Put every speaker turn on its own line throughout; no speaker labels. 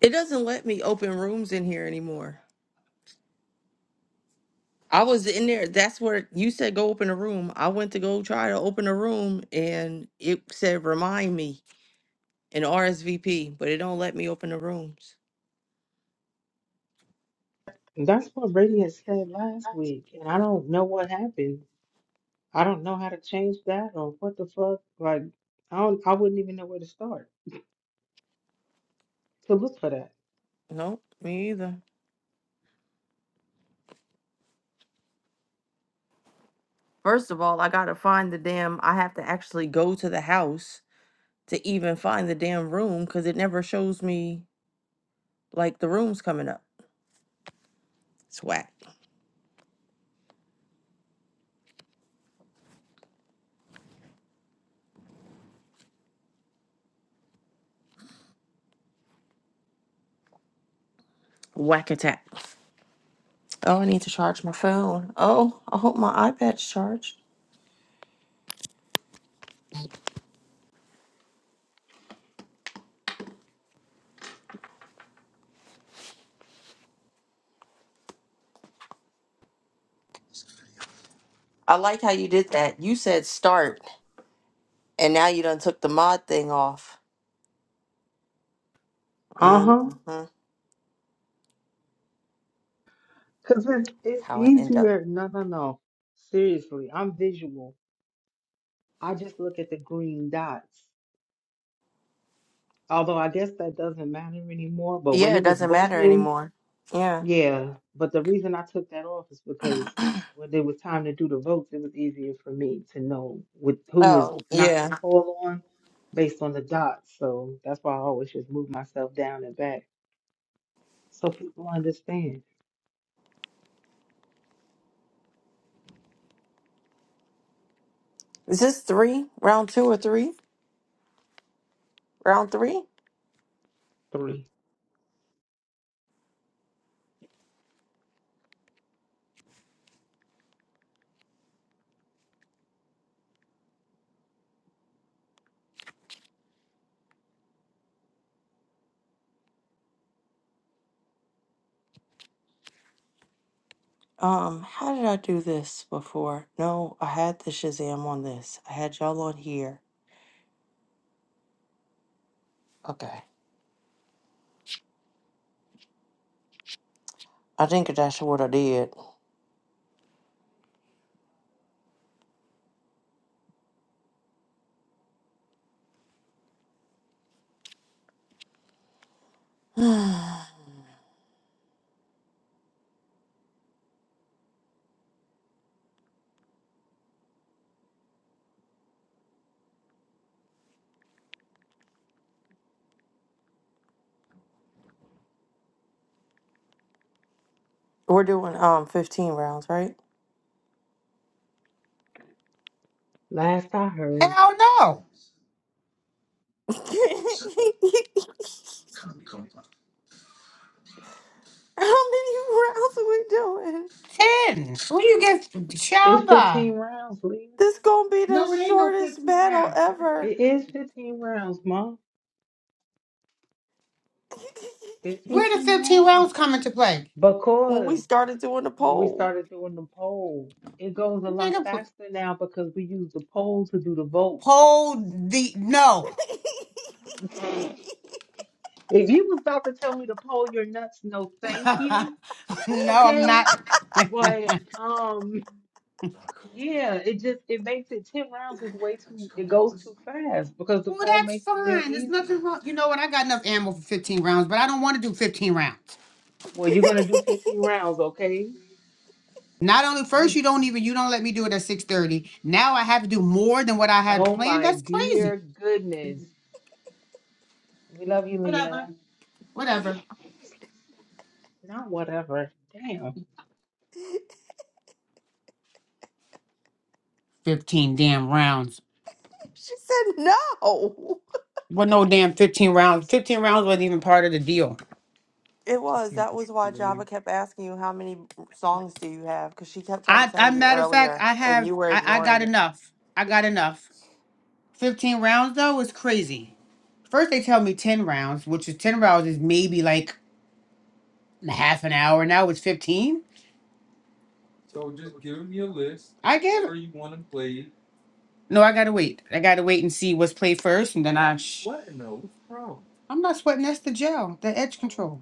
It doesn't let me open rooms in here anymore. I was in there. That's where you said go open a room. I went to go try to open a room and it said remind me and RSVP, but it don't let me open the rooms.
That's what Radiant said last week, and I don't know what happened. I don't know how to change that or what the fuck. Like, I don't, I wouldn't even know where to start to look for that.
Nope, me either. First of all, I gotta find the damn I have to actually go to the house to even find the damn room because it never shows me like the rooms coming up. It's whack. Whack attack. Oh, I need to charge my phone. Oh, I hope my iPad's charged. I like how you did that. You said start, and now you done took the mod thing off.
Uh-huh.
Mm-hmm.
Because it's, it's
How I end up.
easier. No, no, no. Seriously, I'm visual. I just look at the green dots. Although I guess that doesn't matter anymore. But when
Yeah,
it
it
was
doesn't matter
voting,
anymore. Yeah.
Yeah, but the reason I took that off is because when it was time to do the votes, it was easier for me to know with who was
Oh,
not to
yeah.
call on based on the dots. So that's why I always just move myself down and back so people understand.
Is this three? Round two or three? Round three?
Three.
Um, how did I do this before? No, I had the Shazam on this. I had y'all on here. Okay. I think that's what I did. We're doing um 15 rounds, right?
Last I heard,
Hell no.
How many rounds are we doing?
Ten. Who you get shot
it's
by?
15 rounds, Lee.
This gonna be the
No, it ain't no
shortest
fifteen
battle
rounds. That-
ever.
that's
It is
crazy.
15 rounds, Mom. It's
Where the
15
fifteen
rounds.
rounds come into play?
when
Because
we started doing the
when we
poll,
started doing the poll, it goes a lot
Nigga, p-
faster now because we use the poll to do the vote.
hold the no.
If you was about to tell me to pull your nuts, no thank you.
no, I'm
Okay.
not. well,
But um yeah, it just it makes it ten rounds is way too it goes too fast because the poll
that's
makes it real
fine. There's
easy.
nothing wrong. You know what? I got enough ammo for 15 rounds, but I don't want to do 15 rounds.
Well, you're gonna do fifteen rounds, okay?
Not only first,
You
you don't even you don't let me do it at 6:30. Now I have to do more than what I had
oh
planned.
my
That's
dear
crazy.
goodness. We love you,
Whatever.
Leah.
Whatever.
Not whatever. Damn.
15 damn rounds.
she said no.
Well, no damn 15 rounds. 15 rounds wasn't even part of the deal.
It was. That was why Java kept asking you how many songs do you have because she kept trying to
I,
tell
I
you
matter of fact,
earlier
I
and
have,
you were
I, I
ignoring
got
it.
enough. I got enough. 15 rounds though is crazy. First they tell me 10 rounds, which is 10 rounds is maybe like half an hour. Now it's 15. I gave it. No, I gotta wait. I gotta wait and see what's played first, and then I. Sh- what in the what's wrong? I'm not sweating. That's the gel, the edge control.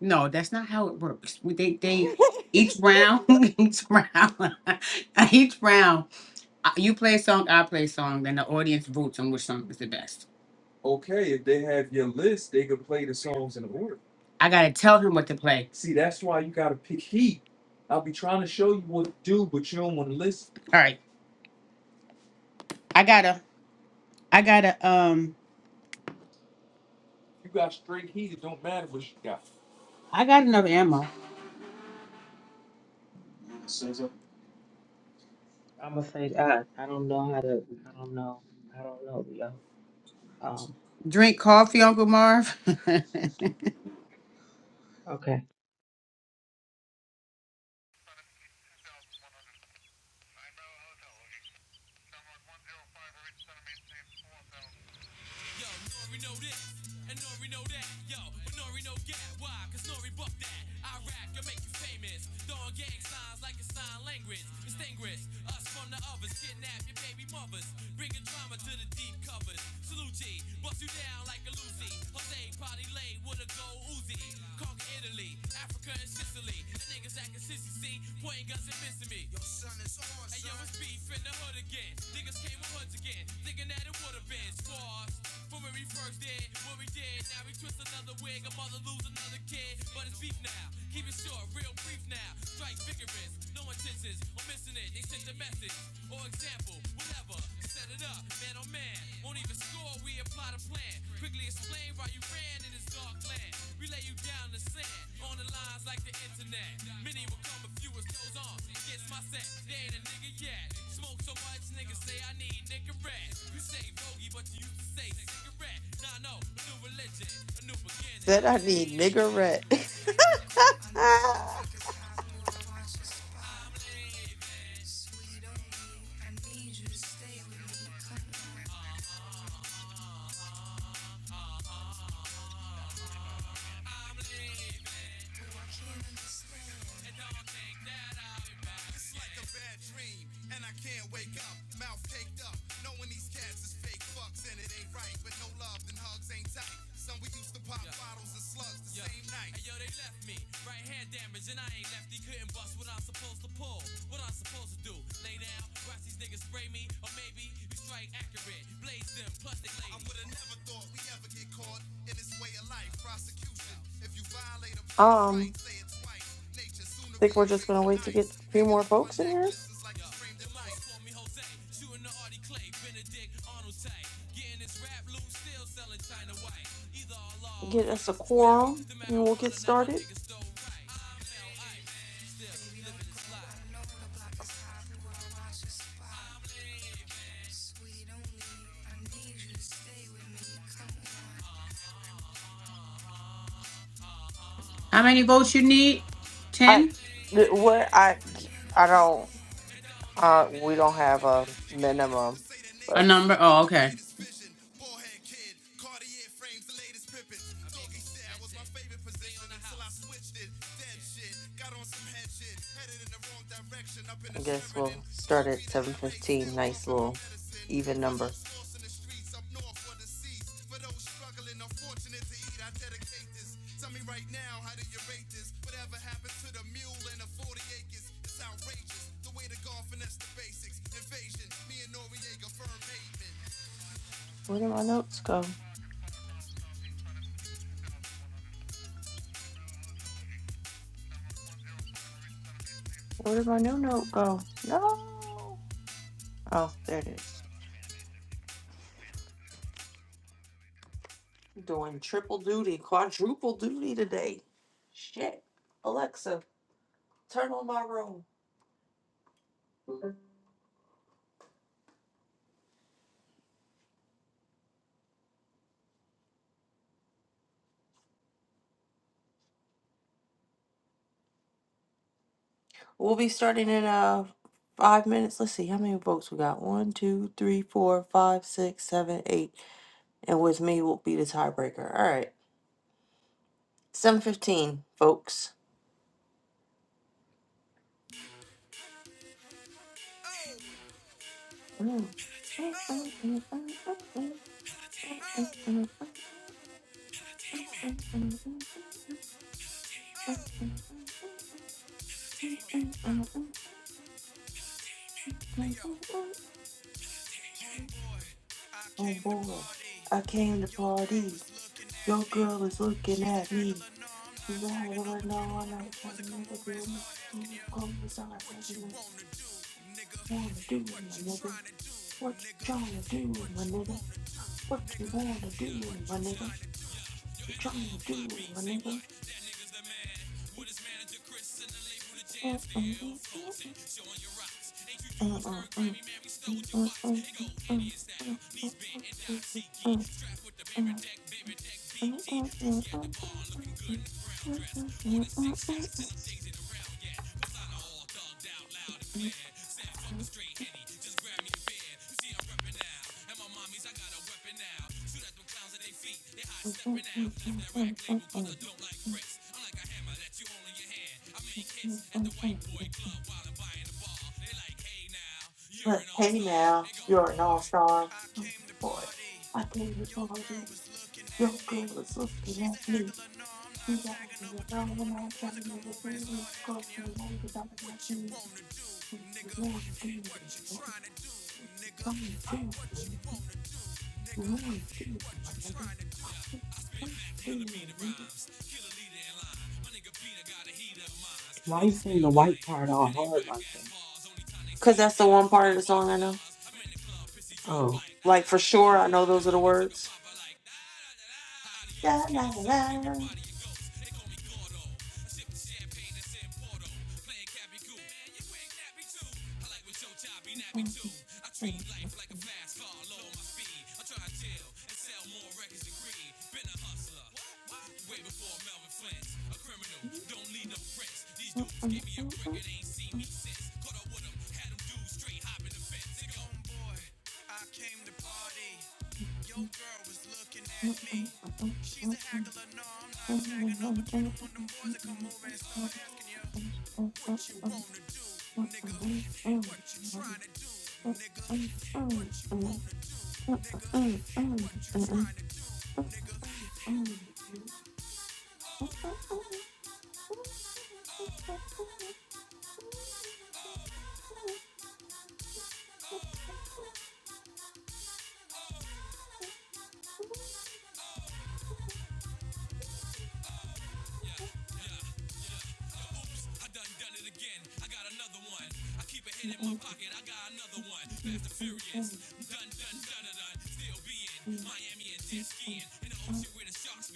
No, that's not how it works. We they they each round, each round, each round. I- You play a song, I play a song, then the audience votes on which song is the best. I gotta tell him what to play. All right, I gotta, I gotta, um, I got enough ammo.
I'm gonna say that. I don't know how to I don't know. I don't know, Leo. Um,
Drink coffee, Uncle Marv.
okay.
niggas acting sissy, see, pointing guns and missing me. Your son is on, Hey son. Hey, yo, it's beef in the hood again. Niggas came with hoods again. Think of the bench. What we did, sent the message. Won't even score, we apply the plan. Quickly explain why you ran in this dark land. We lay you down.
said I need niggerette.
Baby, don't go. I know the block is hot, more watch the spot. I'm lit. Sweet on me, I need you to stay with me. Come on, Uh, oh, I can't understand. I would have never thought we ever get caught in this way of life. Prosecution. If you violate a player's
um,
rights, say it twice. Nature sooner be
think we're just
engraved
gonna
in
wait to get
ice.
a few
Hanging
more
off my
folks in
neck,
here,
glistens like it's framed in light.
get us a quorum, and we'll get started.
Baby, living this life. I know the block is hot, we wanna watch the spot. Sweet only, I need you to stay with me. Come on,
How many votes you need?
I
Ten?
what
boo,
I
I can't
I don't
understand.
uh we don't have a
You got the nerve to
minimum,
say that
A
but
nature's
number?
slipping,
Oh,
the
okay.
greatest vision. Ballhead kid, Cartier frames, the latest pippin. Doggy style was my favorite position until I switched it. Dead shit, got on some head shit. Headed in the wrong direction, up in
I
the
guess
Sheridan.
we'll start
QB
at
to
seven
LA,
fifteen.
still
Nice
puffing my
little
medicine nothing.
even
For
number.
those lost in the streets, up north or deceased. For those struggling, unfortunate to eat, I dedicate this. Tell me right now, how did you rate this? Whatever happened to the mule and the 40 acres? It's outrageous. The way the golf finesse the basics. Invasion, me and Noriega, firm pavement.
Where did my notes go? Where did my new note go? No. Oh, there it is. You're doing triple duty, quadruple duty today. Shit. Alexa, turn on my room. We'll be starting in uh five minutes. Let's see how many votes we got. One, two, three, four, five, six, seven, eight. And with me will be the tiebreaker. All right. Seven fifteen, folks. Mm.
Boy, I
Oh
came to
boy.
party.
I came to
Your girl
party.
was looking at
Your
me.
girl is looking
She's a
at me.
haggler, no, I'm not
You have
tagging her,
Lord,
but you
no
don't
one
want them
like you.
boys to
You
come
never
over and
do it.
start
What
asking
you
you
going
what
what
you
you
wanna do, nigga.
wanna do,
What
my
you
nigga?
trying
What you trying to do, my nigga? What you wanna do, my nigga? you trying to do, my nigga? uh uh uh uh uh uh uh uh uh uh uh uh uh uh
out loud and clear. Said fuck the straight henny, just grab me a beer. You see I'm reppin' now, and my mommies I got a weapon now. Shoot at them clowns at their feet, they high stepping out. Left that rack label 'cause I don't like pricks. I'm like a hammer that you hold in your hand. I make
mm,
hits at
mm,
the white
mm,
boy club while I'm buying a bar. They like hey now.
But hey now,
Hey,
you're an
Homeboy,
all-star.
I
Oh
came to
boy,
party.
I tell you
Your
all this.
girl was looking at
Your
me.
girl was looking
She's a
at me.
haggler, no, I'm not
You got
tagging
me
her, but you
alone
don't
when
want them
I'm
boys to
trying to get
come
a
over and
food
start
across
asking you
the way to talk
what
about
you
you.
wanna do,
What you
nigga.
want to do,
What you
what you
trying to do, nigga?
trying to
What
do,
you
what
wanna do,
you
nigga?
want to do,
What
My
you
nigga?
trying to do?
what you trying to do.
Why you saying the white part all hard like that?
I'm
Cause that's the one part of the song I know.
in the club, pissy drunk,
Oh.
Like for sure, I know those are the
like took a
words. Da,
Adios, kill
da,
your soul, then we
da,
body your ghost. They call me Gordo. Sipping champagne that's in Porto. Playing Cappy Goo. Man, you ain't nappy too. I like what your job be nappy too. I treat life like a fast car, low on my feet. I try to deal and sell more records than greed. Been a hustler. What? Way before Melvin Flint. A criminal, don't need no prints. These dudes gave me a brick and ain't seen me
da.
since. Caught up with them, had them dudes straight hopping the fence. They go, boy. I came to party. Your girl was looking at me. She's a haggler, no, I'm not tagging her, but you don't want them boys to come over and start asking you what you wanna do, nigga. What you tryna do, nigga? What you wanna do, nigga? What you tryna do, nigga? I can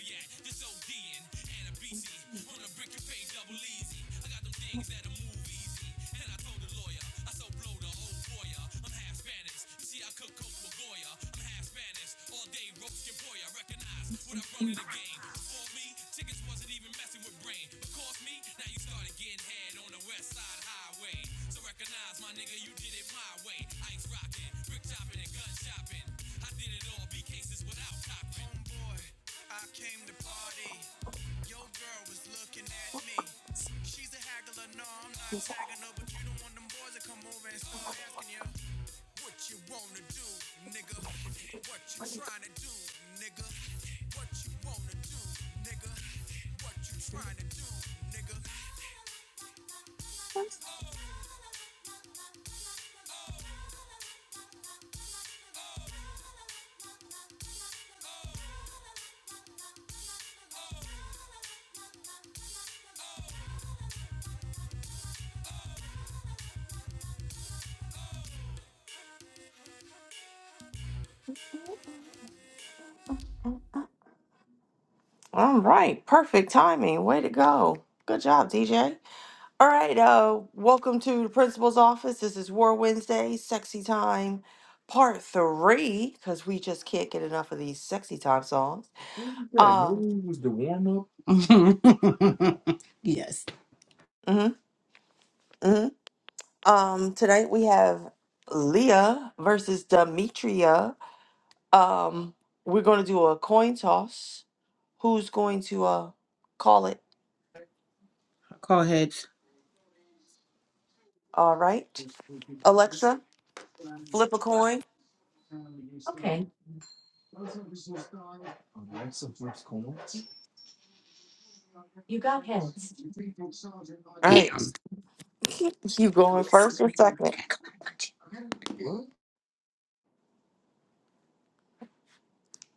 that this OD and a BC on a brick and pay double easy. I got them DZ. lawyer. I so blow the old lawyer. I'm half Spanish. You see, I cook coke with Goya. I'm half Spanish. All day roast your boy. I recognize what I run to the game. Before me, tickets wasn't even messing with brain. But cost me, now you started getting head on the west side highway. So recognize my nigga, you did it my way. Ice rocking, brick chopping, and gun shopping. I did it all Homeboy, I came to party. Your girl was looking at me. She's a haggler, no, I'm not tagging her, but you don't want them boys to come over and start asking you what you wanna do, nigga. What you tryna do, nigga.
All right, perfect timing. Way to go. Good job, DJ. All right, uh, welcome to the principal's office. This is War Wednesday, sexy time, part three, because we just can't get enough of these sexy time songs. Um,
yes.
mhm, mhm. um, tonight we have Leah versus Demetria. Um, we're going to do a coin toss. Who's going to uh call it?
Call heads.
All right, Alexa, flip a coin. Okay. All right,
Damn.
you going first or second?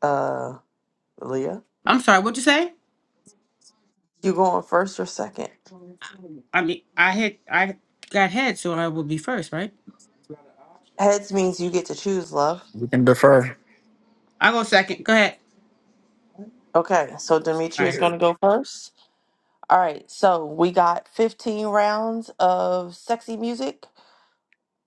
Uh, Leah.
I'm sorry. What'd you say?
You going first or second?
I mean, I hit, I got head, so I will be first, right?
Heads means you get to choose, love.
and defer.
I go second. Go ahead.
Okay, so
All
Demetria is
right.
going to go first. All right, so we got 15 rounds of sexy music.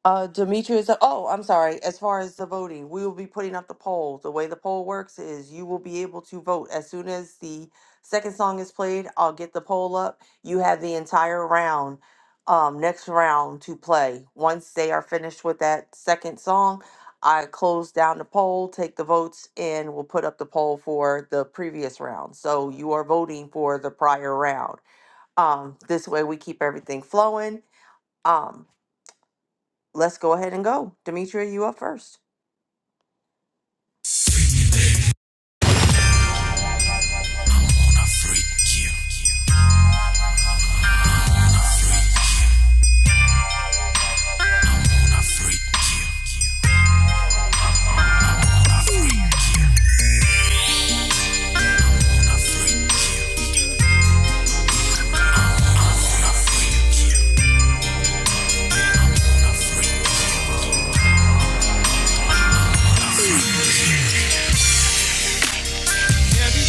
Uh, Demetrius, oh, I'm sorry. As far as the voting, we will be putting up the poll. The way the poll works is you will be able to vote as soon as the second song is played. I'll get the poll up. You have the entire round, um, next round to play. Once they are finished with that second song, I close down the poll, take the votes, and we'll put up the poll for the previous round. So you are voting for the prior round. Um, this way we keep everything flowing. Um, let's go ahead and go. Demetria, you up first.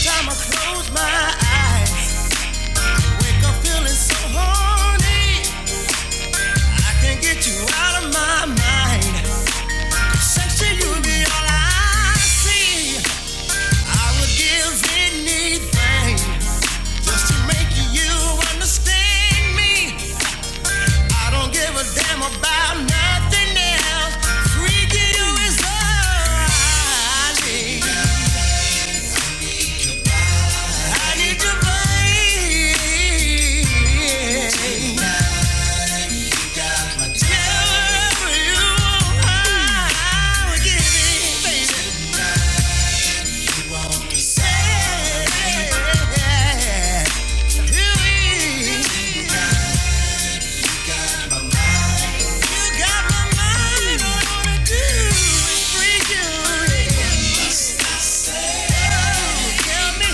Time I close my eyes, wake up feeling so horny. I can't get you out of my mind. Section, you be all I see. I would give anything. Just to make you understand me. I don't give a damn about nothing else. Freaking you is all I need. I need your body. Tell you I would give anything to say. You got my mind on a do. Freak you. Tell me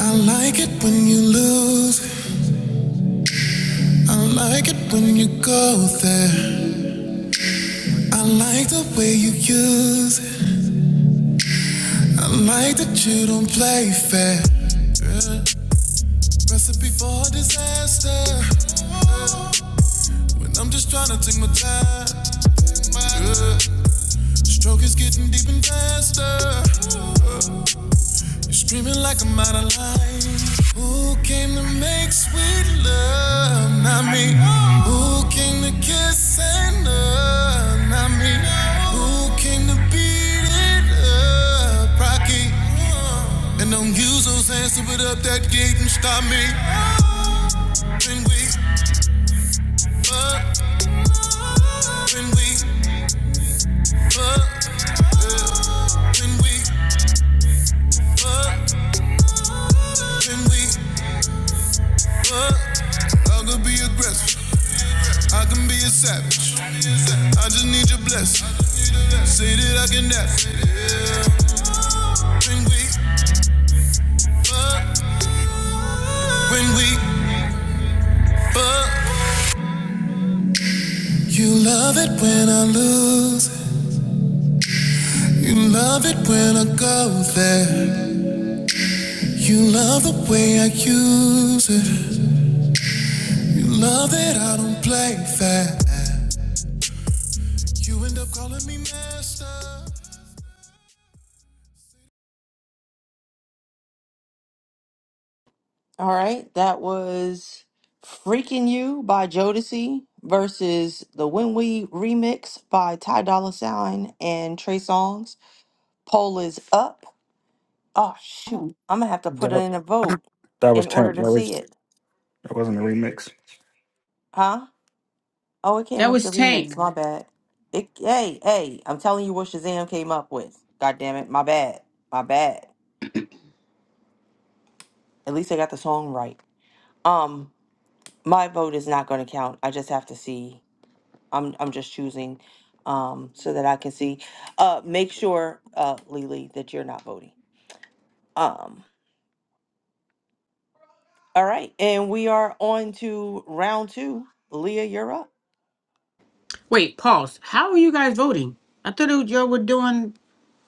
I like it when you lose. I like it when you go there. I like the way you use. I like that you don't play fair. Recipe for disaster. When I'm just tryna take my time. Yeah. Stroke is getting deep and faster. You're screaming like I'm out of line. Who came to make sweet love? Not me. Who came to kiss and love? Not me. Who came to beat it up? Rocky. And don't use those hands to put up that gate and stop me. When we fuck, when we, when we, when we, I'll go be aggressive. I can be a savage. I just need your blessing. Say that I can nap. When we fuck, when we fuck. You love it when I lose. You love it when I go there. You love the way I use it. You love that I don't play fair. You end up calling me master.
All right, that was Freaking You by Jodeci versus the When We remix by Ty Dolla Sign and Trey Songz. Poll is up. Oh, shoot. I'm going to have to put it
That,
in a vote
that was
in order
Tank.
to
That
see
was
it.
that wasn't a remix.
Huh? Oh, it came
That
up
was
the
Tank.
remix. My bad. It, hey, hey, I'm telling you what Shazam came up with. God damn it. My bad. My bad. At least I got the song right. Um. my vote is not going to count. I just have to see. I'm I'm just choosing um so that I can see. Uh make sure uh Lily that you're not voting. Um all right, and we are on to round 2. Leah, you're up.
Wait, pause. How are you guys voting? I thought it was y'all were doing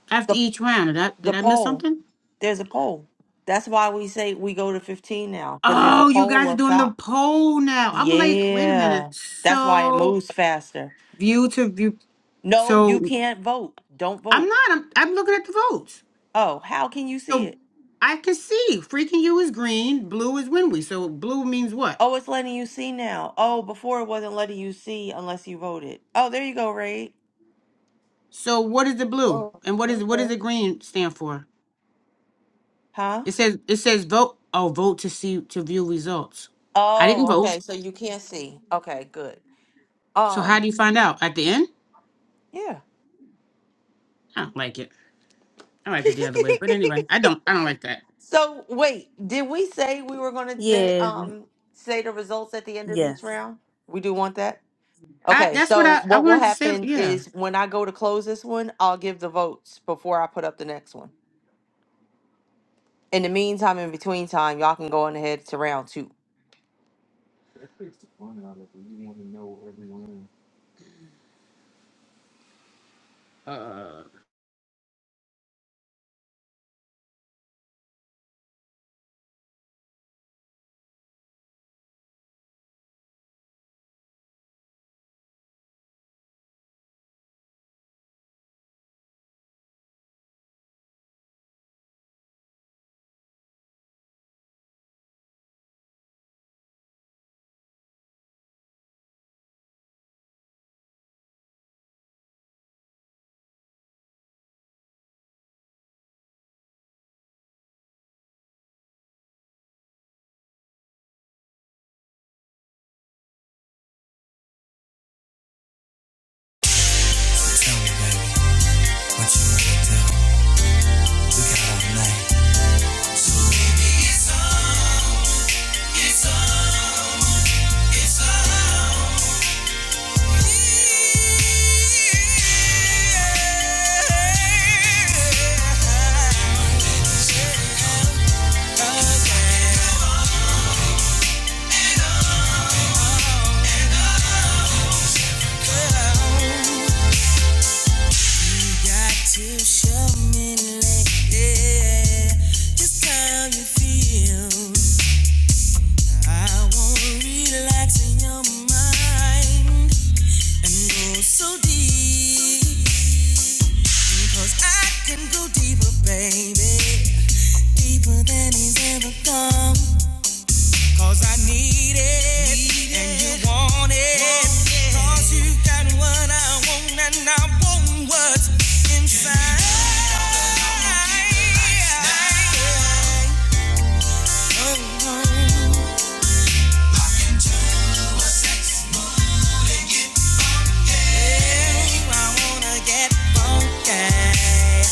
after
The
each round. Did I
the
did I miss
poll.
something?
There's a poll. That's why we say we go to 15 now cuz there's a
Oh, you
poll
guys are
up
doing the
top.
poll now. I'm like, wait a
Yeah.
minute.
That's why it
So
moves faster.
view to view.
No, you
So
can't vote. Don't
I'm
vote.
not. I'm, I'm looking at the votes.
Oh, how can you see
So
it?
I can see freaking you is green, blue is Winwy. So blue means what?
Oh, it's letting you see now. Oh, before it wasn't letting you see unless you voted. Oh, there you go, Ray.
So what is the blue
Oh,
and what is what
okay.
does the green stand for?
Huh?
It says it says vote. Oh, vote to see to view results. I didn't
Oh,
vote.
okay. So you can't see. Okay, good.
So how
Um,
do you find out at the end?
yeah.
I don't like it. I like it the other way. But anyway, I don't I don't like that.
So wait, did we say we were going to say,
Yeah,
um say the results at the end of each
yes.
round? We do want that.
I
Okay,
that's what
so
I, I
what will
wanted to say.
happen
Yeah.
is when I go to close this one, I'll give the votes before I put up the next one. In the meantime, in between time, y'all can go on ahead to round two.
Got to show me, like, yeah, just how you feel. I wanna relax in your mind and go so deep. 'Cause I can go deeper, baby. Deeper than he's ever gone. 'Cause I need it, and you want it. 'Cause you got what I want, and I want what's inside. Oh, oh, yeah, I wanna get funky.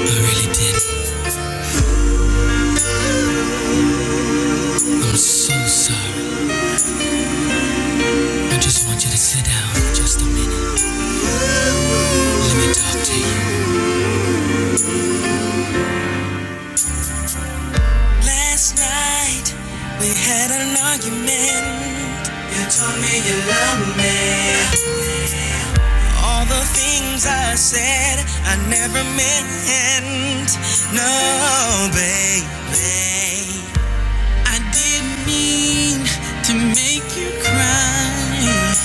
I really did. I'm so sorry. I just want you to sit down just a minute. Let me talk to you. Last night we had an argument. You told me you loved me. All the things I said I never meant. No, baby. I didn't mean to make you cry.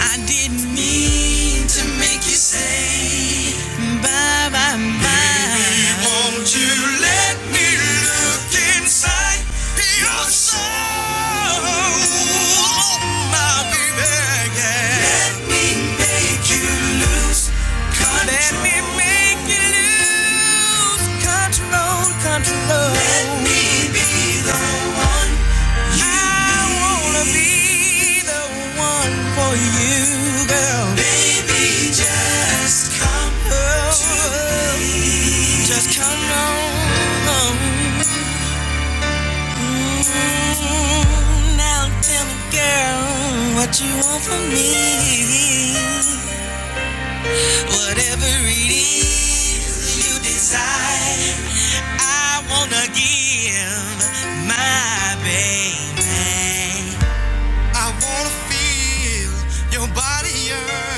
I didn't mean to make you say bye bye bye. Baby, won't you let me look inside your soul? My baby, yeah. Let me make you lose control. Let me make you lose control, control. Let me be the one. I wanna be the one for you, girl. Baby, just come oh, to me. Just come on. Mm, Now tell me, girl, what you want from me. Whatever it is you desire, I wanna give my baby. I wanna feel your body yearn.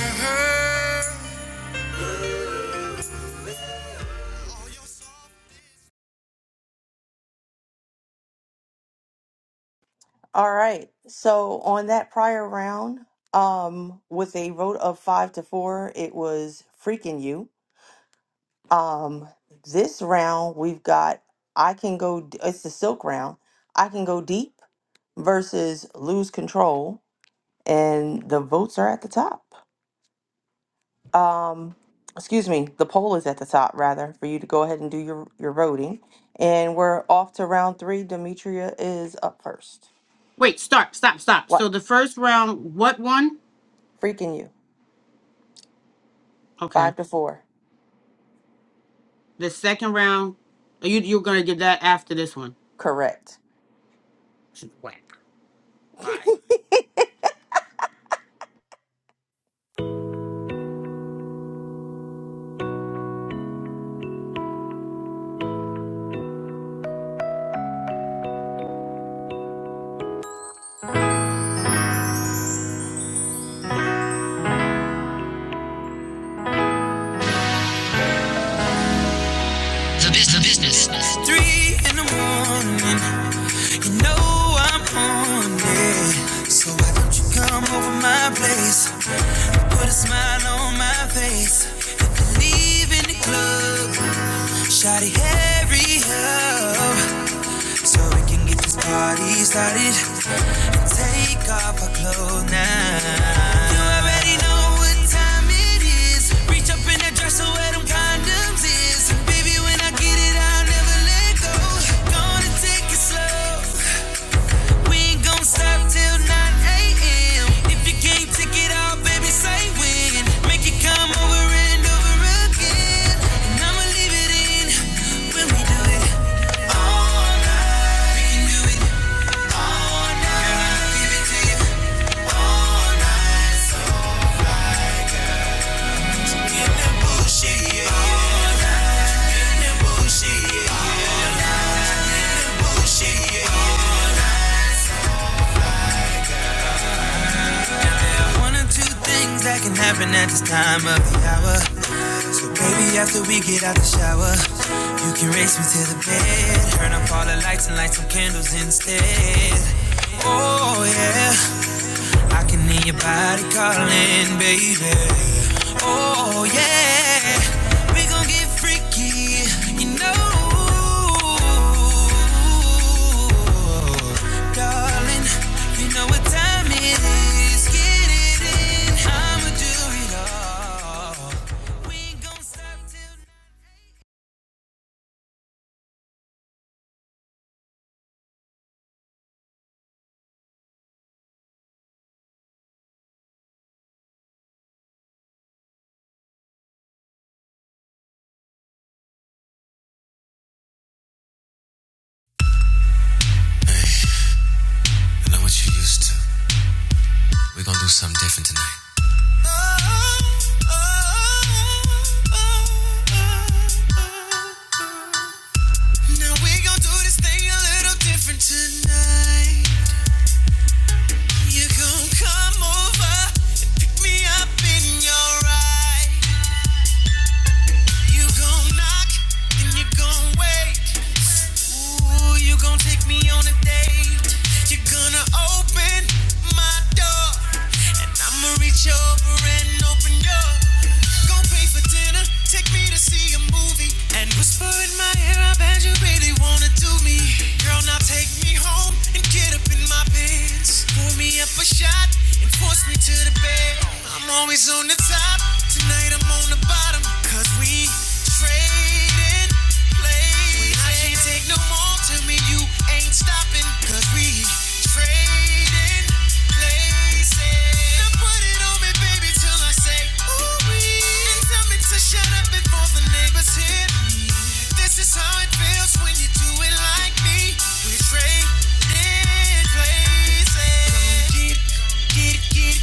All right. So on that prior round, um, with a vote of five to four, it was freaking you. Um, this round we've got I can go. d- It's the silk round. I can go deep versus lose control, and the votes are at the top. Um, excuse me, the poll is at the top rather for you to go ahead and do your your voting. And we're off to round three. Demetria is up first.
Wait, start, stop, stop.
What
So the first round, what one?
freaking you?
Okay.
Five to four.
The second round, oh, you you're gonna get that after this one.
Correct.
She's whack. Bye.
Three in the morning, you know I'm on it. So why don't you come over my place? Put a smile on my face. And leave in the club. Shawty, hurry up. so we can get this party started and take off our clothes now. You already know what time it is. Reach up in that dresser where them condoms is, and baby, when I get it, I'll never let go. Gonna take it slow. We ain't gonna stop till 9 a.m. If you can't take it all, baby, say when. Make it come over and over again. And I'ma leave it in when we do it all night. We can do it all night. Girl, I'll give it to you all night. One of two things that can happen at this time of the hour. So baby, after we get out the shower, you can race me to the bed. Turn up all the lights and light some candles instead. Oh yeah. I can hear your body calling, baby. Oh yeah, we gon' get freaky, you know, darling. You know what time it is. Get it in. I'ma do it all. We ain't gon' stop till. I know what you used to. We gon' do something different tonight. Thing a little different tonight. You gon' come over and pick me up in your ride. You gon' knock, then you gon' wait. Ooh, you gon' take me on a date. You're gonna open my door. And I'ma reach over and open your. Gon' pay for dinner, take me to see a movie. And whisper in my ear, I bet you really wanna do me. Girl, now take me home and get up in my pants. Pour me up a shot and force me to the bed. I'm I'm always on the top. Tonight I'm on the bottom. Cause we trading places. I can't take no more. Tell me you ain't stopping. Cause we trading places. Now put it on me, baby, till I say ooh wee. And tell me to shut up before the neighbors hear me. This is how it feels when you do it like like me, we traded places. Go get it, get it,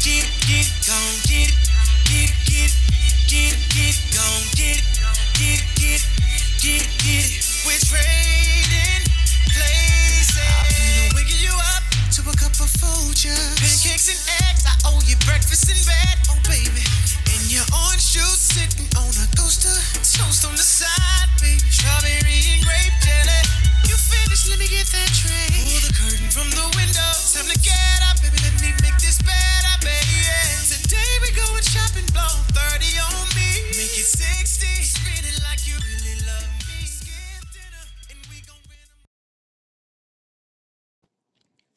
get it, get it, go get get it, get it, get it, get it, go get get it, get it, get it, get it. We're trading places. I'm gonna wiggle you up to a cup of Folgers. Pancakes and eggs, I owe you breakfast in bed. Oh baby, in your orange shoes, sitting on a coaster, toast on the side, baby, strawberry and grape jelly. You finished? Let me get that tray. Pull the curtain from the window. Time to get up, baby. Let me make this better, baby. Today we going shopping, blow 30 on me, make it 60. Spin it like you really love me. Skip dinner, and we gon' win 'em.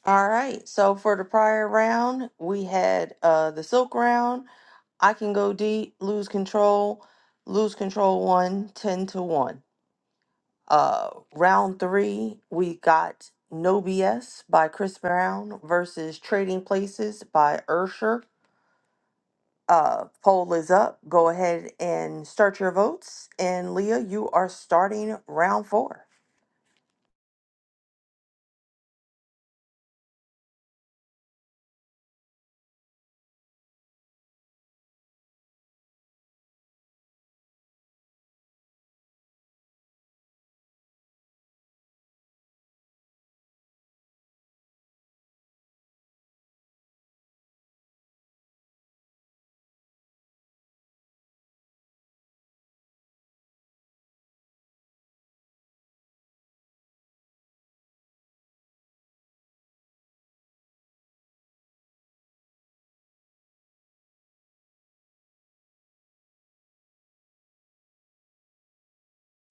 All right. So for the prior round, we had uh the silk round. I can go deep, lose control, lose control One 10 to 1. Uh round three, we got No BS by Chris Brown versus Trading Places by Ursher. Uh poll is up. Go ahead and start your votes. And Leah, you are starting round four.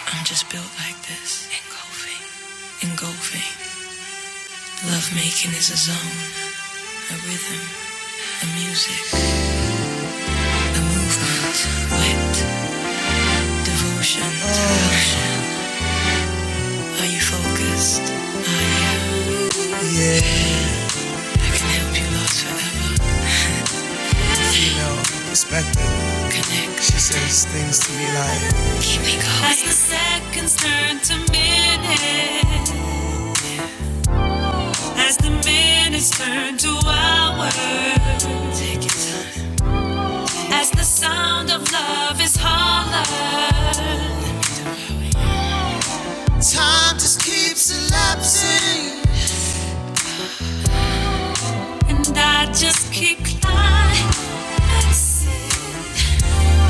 I'm just built like this, engulfing, engulfing. Love making is a zone, a rhythm, a music, a movement, wet devotion. Are you focused? I am. I can help you last forever. Next, keep me going. As the seconds turn to minutes, as the minutes turn to hours, take your time. As the sound of love is hollow, and I just keep climbing.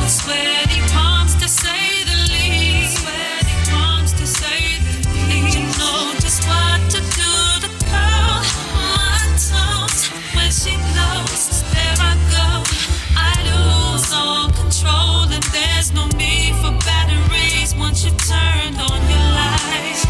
Sweaty palms to say the least. Sweaty palms to say the least. You know just what to do to curl my toes when she blows. There I go. I lose all control and there's no need for batteries once you turned on your light.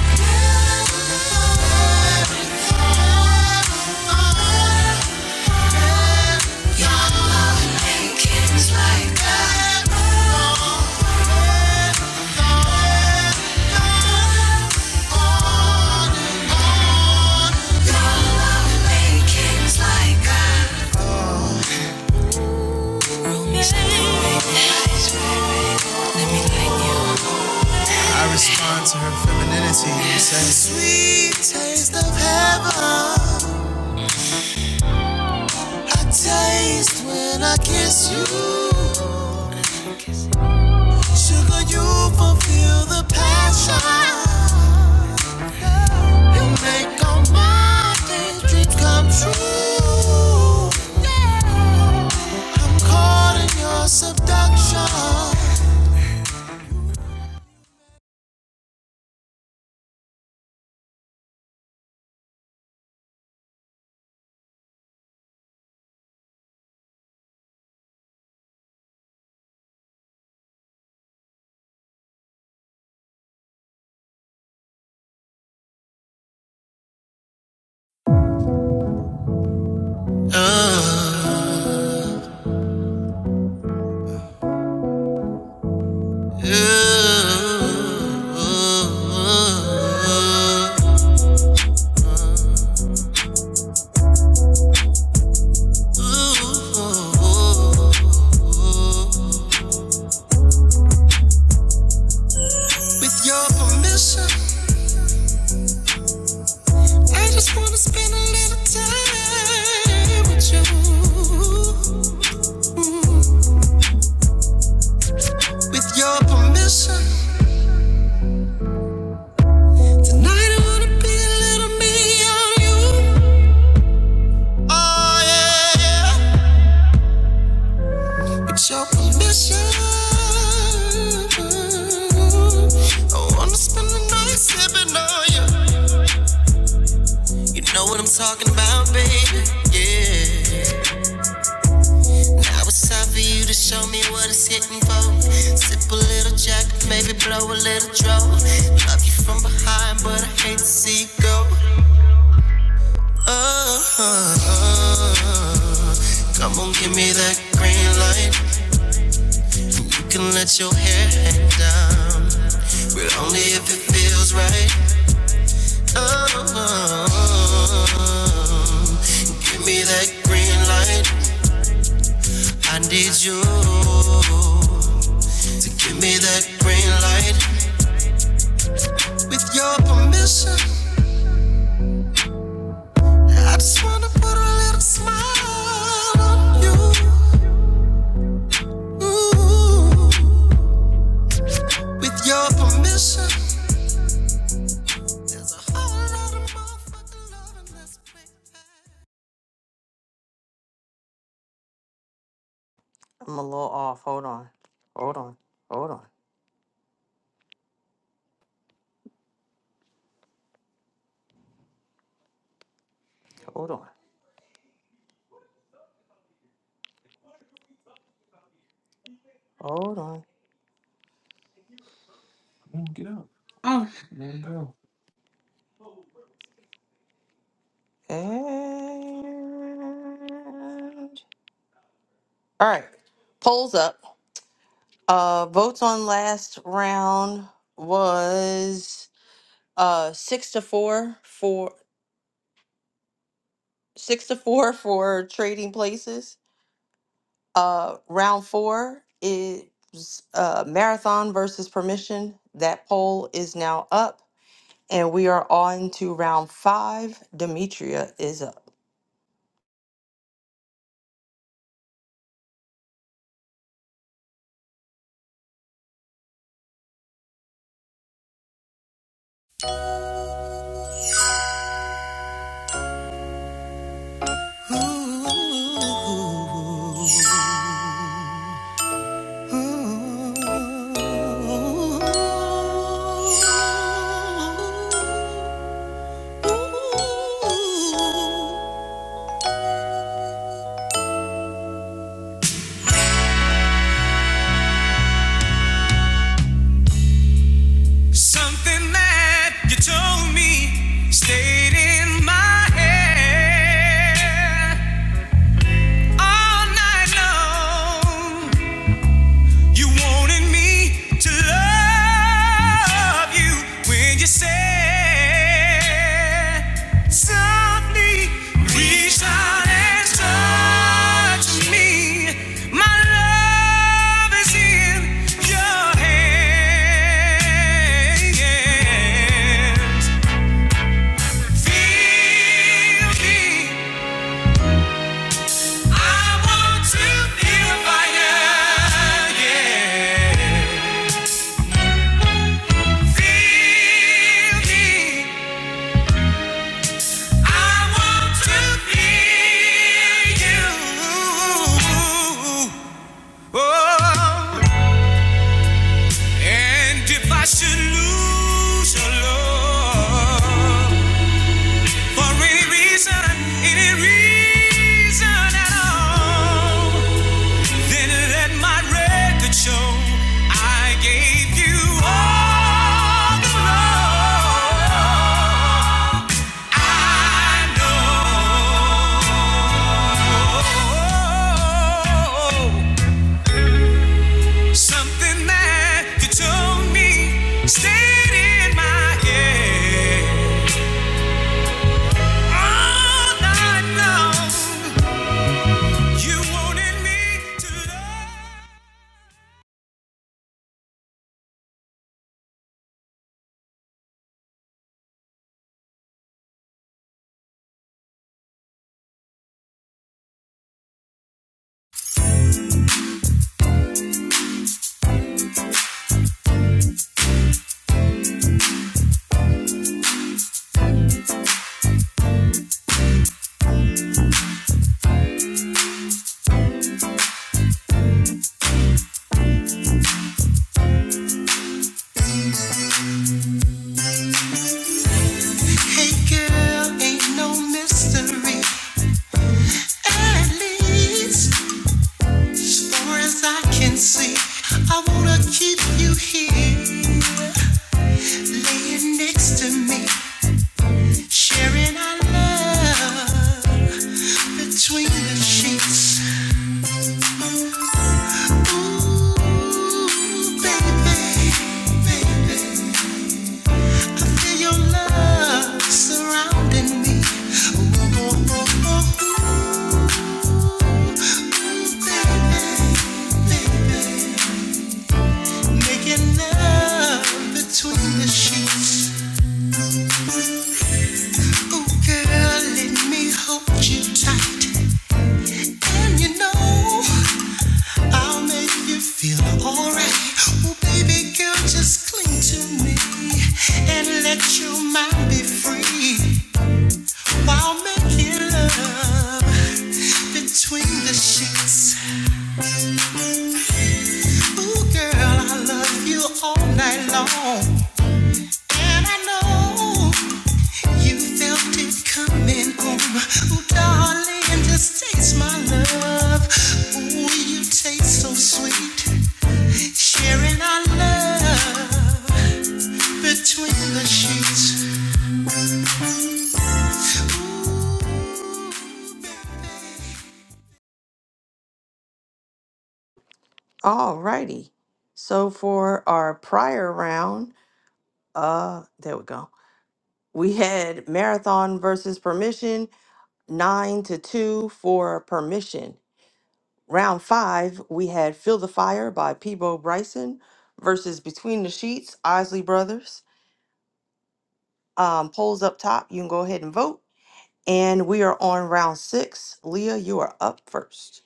Respondency, Sweet taste of heaven. I taste when I kiss you. Sugar, you fulfill the passion. You make all my dreams come true. I'm caught in your seduction. With your permission, I just wanna spend a little time with you. With your permission, tonight I wanna be a little me on you. Oh yeah, with your permission, I wanna spend the night sipping on you. You know what I'm talking about, baby. Yeah. Now it's time for you to show me what it's hitting for. Sip a little Jack, maybe blow a little draw. Love you from behind, but I hate to see you go. oh. oh, oh. Come on, give me that green light. You can let your hair hang down, but only if it feels right. Oh, give me that green light. I need you to give me that green light. With your permission, I just wanna put a little smile on you. Ooh, with your permission,
I'm a little off. Hold on. Hold on. Hold on. Hold on. Hold on.
Oh no.
And all right, polls up. Uh, votes on last round was uh six to four for six to four for trading places. Uh, round four is uh marathon versus permission. That poll is now up, and we are on to round five. Demetria is up.
Something that you told me stayed in my head all night long. You wanted me to love you when you said softly, reach out and touch me. My love is in your hand. Should lose your love for any reason, any reason at all. Then let my record show I gave you all the love I know. Something that you told me stayed in my head all night long. You wanted me to love. Hey girl, ain't no mystery. At least, far as I can see, I wanna keep you here next to me, sharing our love. Ooh, baby, your love surrounding me, Oh baby, making love between the sheets. We hold you tight, no, I'll make you feel alright. Oh baby girl, and let mine be free I'll make love between the sheets. Sweet.
All righty. So for our prior round. uh there we go we had marathon versus permission nine to two for permission round five we had feel the fire by peebo bryson versus between the sheets isley brothers um polls up top you can go ahead and vote and we are on round six leah you are up first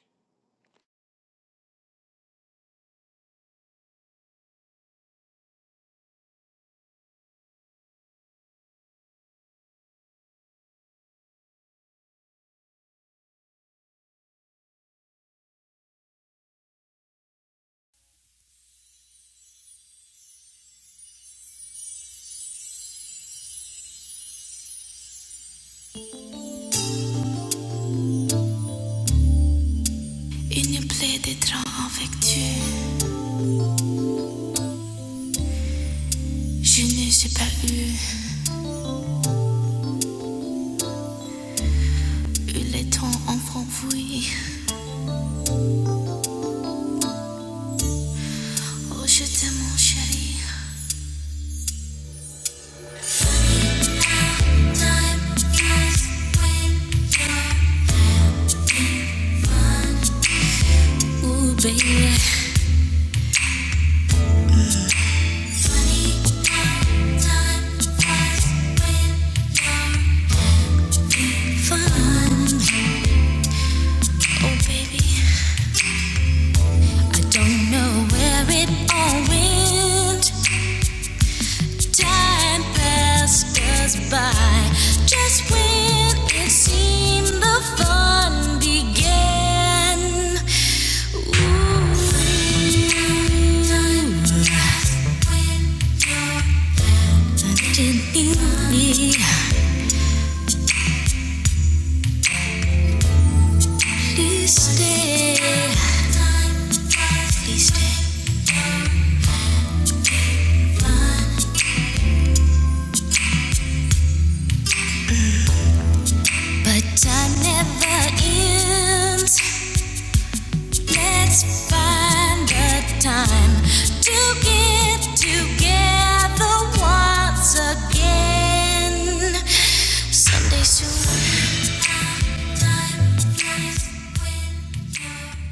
Une plaie d'étrange affectueux Je ne sais pas eu, eu le temps enfant oui. Oh, je t'aime, mon chéri. Time flies when you're fun. Ooh, baby. Funny, time flies when you're fun. Oh, baby. I don't know where it all went. Time passed us by just when it seemed the fun began. Ooh, time did in me. Please stay. Please stay. But time never ends. Let's find the time to get together once again. Someday soon. Time flies when you're here.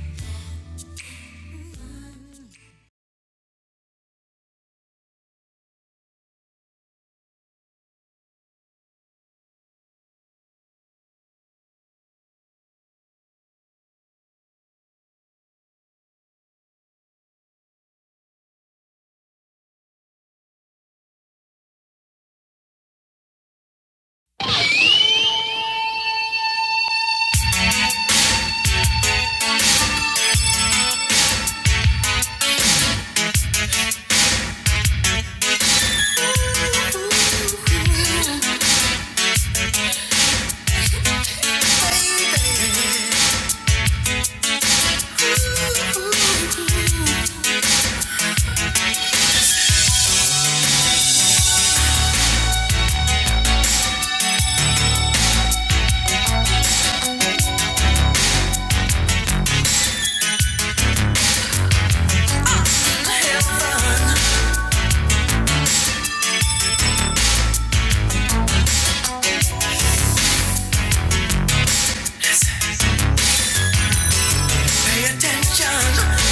Pay attention.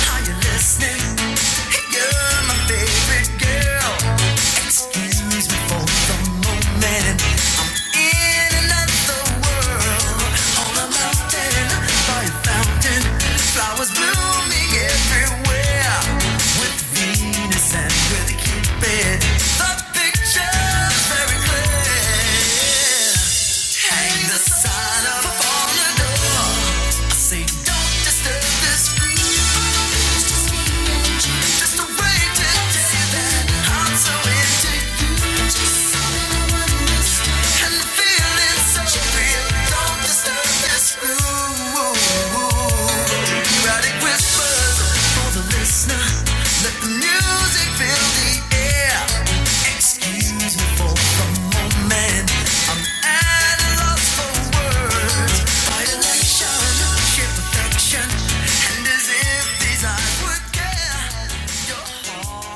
Are you listening? Hey, You're my favorite girl. Excuse me before the moment. In another world, on a mountain, by a fountain, flowers blooming everywhere. With Venus and with Cupid, the picture's very clear. Hang the sign up on the door, say don't disturb this groove, just wait till day that unfixable. Don't disturb this groove, but it whispered the music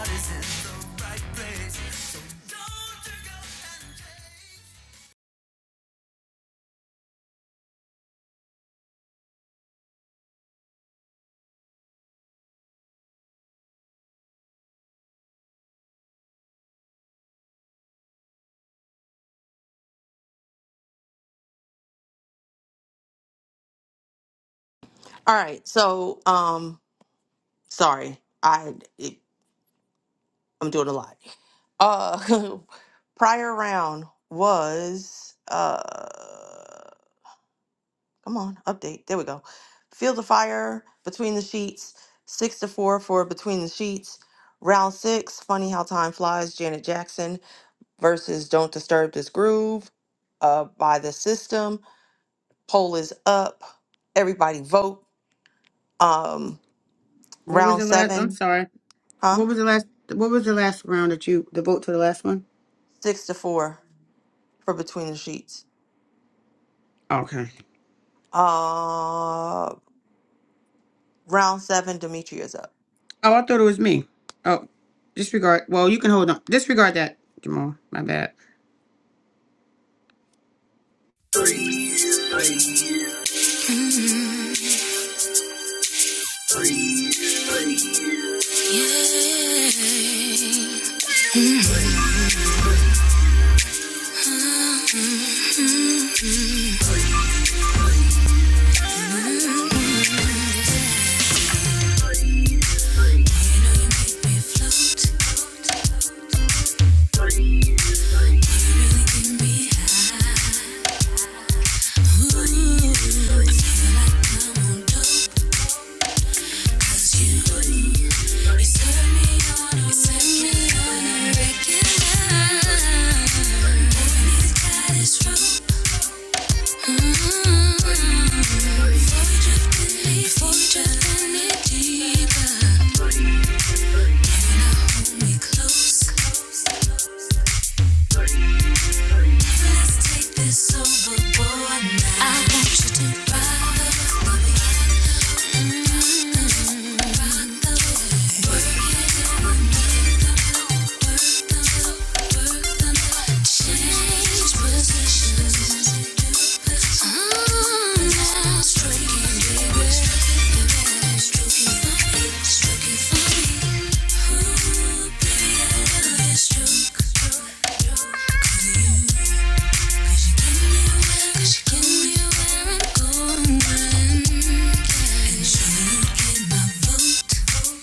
be
all right so um sorry i it, i'm doing a lot uh prior round was uh Come on, update. There we go. Field of Fire, Between the Sheets, six to four for Between the Sheets. Round six, Funny How Time Flies, Janet Jackson versus Don't Disturb This Groove uh, by The System. Poll is up. Everybody vote. Um,
What was
round
the last I'm
seven,
sorry.
huh?
What was the last what was the last round that you the vote for the last one?
Six to four for Between the Sheets.
Okay.
Uh, round seven, Demetri is up.
Oh, I thought it was me. Oh, disregard. Well, you can hold on. Disregard that, Jamal. My bad.
Yeah, you really get me high. I feel like I'm on dope 'cause you, you set me on, a regular. Boy, I need to tie this rope. Mm-hmm. Before we drift any, before we drift any deeper, can you hold me close? Thank you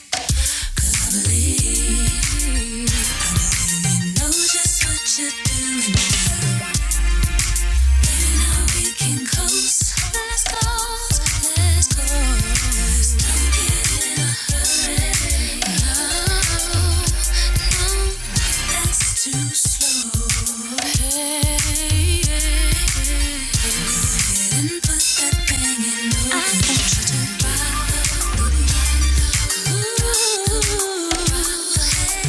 Ooh, ooh, ooh.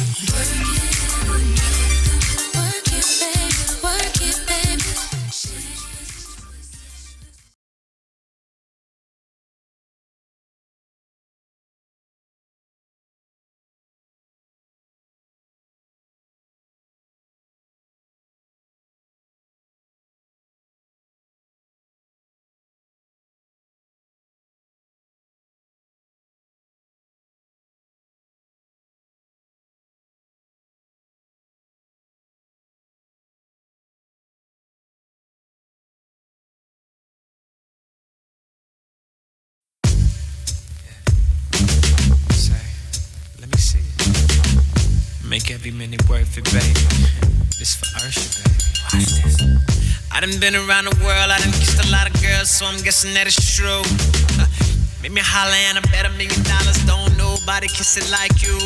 I done been around the world, I done kissed a lot of girls, so I'm through. Give me a holler and I bet a million dollars. Don't nobody kiss it like you.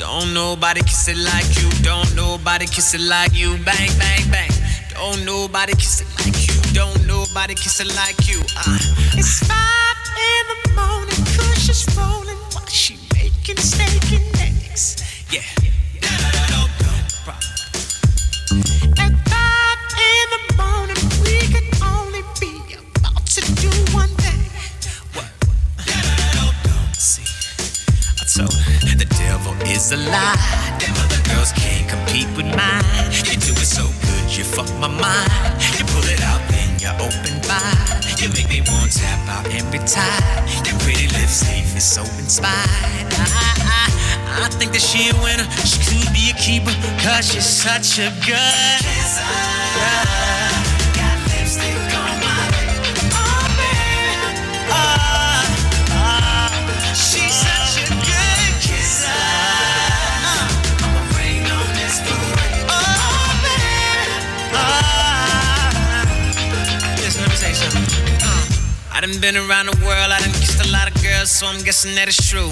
Don't nobody kiss it like you. Don't nobody kiss it like you. Bang, bang, bang. Don't nobody kiss it like you. Don't you? Uh. It's five in the morning, cushions rolling while she making steak and eggs. At five in the morning, we can only be about to do one thing. So the devil is a lie. Them other girls can't compete with mine. You do it so good, you fuck my mind. You pull it out, then you open wide. You make me want to tap out every time. Your pretty lipstick is so inspired. I, I, I think that she a winner. She could be a keeper, cause she's such a good. kisser. Lipstick on my, oh, man. Ah no Oh, Ah. I done been around the world, I done kissed a lot of girls, so I'm guessing that it's true.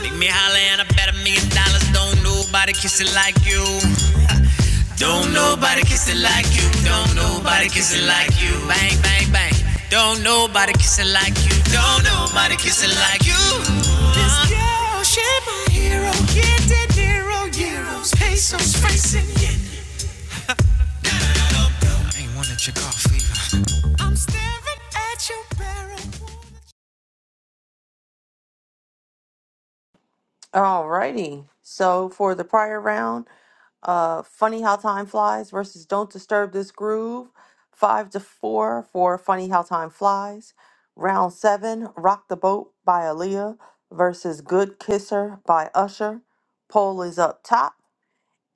Make me holler and I bet a million dollars. Don't nobody kiss it like you. Don't nobody kiss it like you. Don't nobody kiss it like you. Bang, bang, bang. Don't nobody kiss it like you. Don't nobody kiss it like you.
Alrighty. So for the prior round, uh, Funny How Time Flies versus Don't Disturb This Groove, five to four for Funny How Time Flies. Round seven, Rock the Boat by Aaliyah versus Good Kisser by Usher. Poll is up top,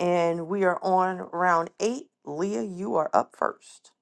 and we are on round eight. Leah, you are up first.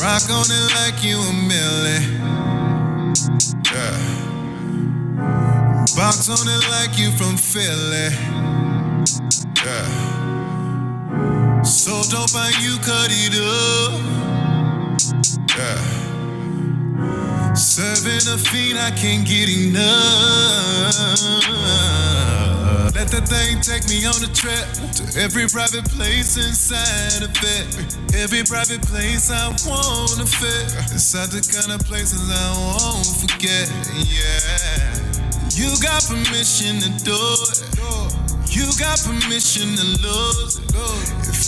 Rock on it like you a millie. Box on it like you from Philly. Yeah. So dope how you cut it up. Serving a fiend, I can't get enough. Let that thing take me on a trip to every private place inside of it. Every private place I wanna fit. Inside the kind of places I won't forget. Yeah. You got permission to do it. You got permission to lose it.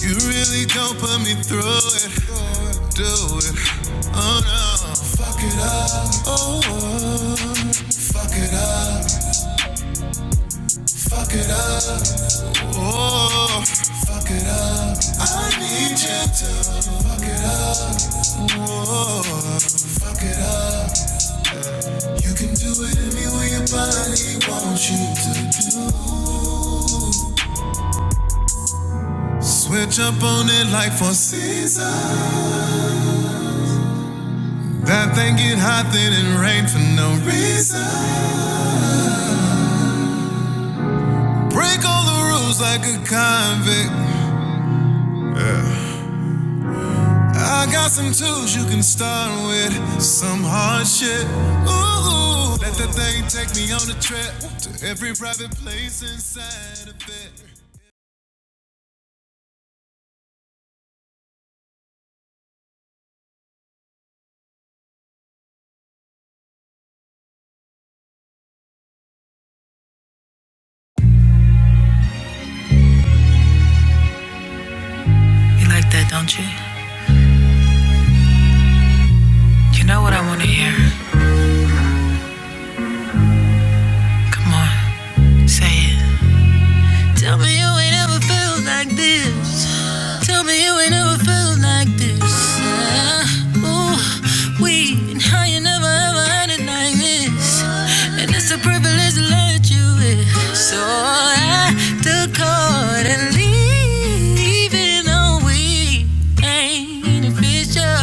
You really don't put me through it. Do it. Oh no. Fuck it up. Oh, oh. fuck it up. Fuck it up. Oh, fuck it up. I need you to fuck it up. Oh, fuck it up. You can do it any way your body wants you to do. Switch up on it like for season. That thing get hot then it rain for no reason. Break all the rules like a convict. I got some tools you can start with. Some hard shit. Ooh, let that thing take me on a trip to every private place inside of it. You like that, don't you? You know what I want to hear. Come on, say it. Tell me you ain't ever felt like this. Tell me you ain't ever felt like this. Uh, ooh, we and how you never ever had it like this. And it's a privilege to let you in. So I took heart and leave. Even though we ain't official,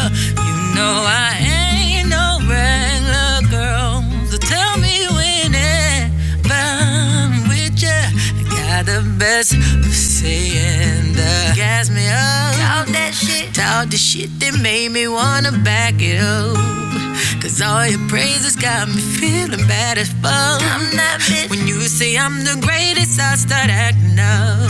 you know I ain't no regular girl. So tell me whenever I'm with ya. I got the best of saying the gas me up. Talk that shit. Talk the shit that made me wanna back it up. Cause all your praises got me feeling bad as fuck. I'm that bitch. When you say I'm the greatest, I start acting up.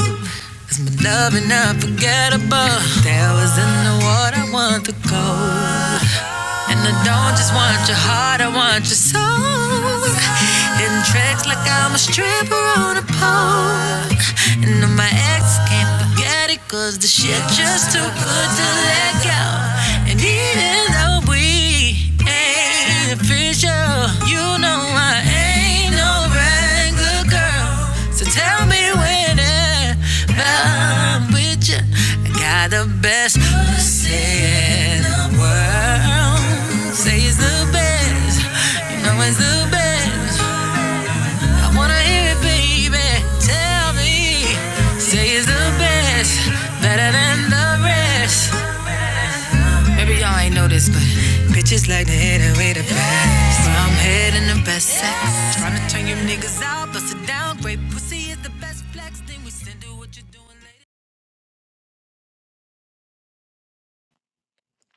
Cause my love and unforgettable. There was in the water, I want the gold. Want your heart, I want your soul. Hitting tricks like I'm a stripper on a pole. And I can't forget it cause the And even though we ain't official, you know I ain't no regular girl. So tell me when I'm with you. I got the best pussy in the world. Say it's the best. You know it's the best. I wanna hear it, baby. Tell me. Say it's the best. Better than the rest. Maybe y'all ain't noticed, but bitches like to hit it with the best. So I'm heading the best sex. Tryna turn you niggas out, bust it down. Great pussy is the best flex. Then we send you what you're doing later.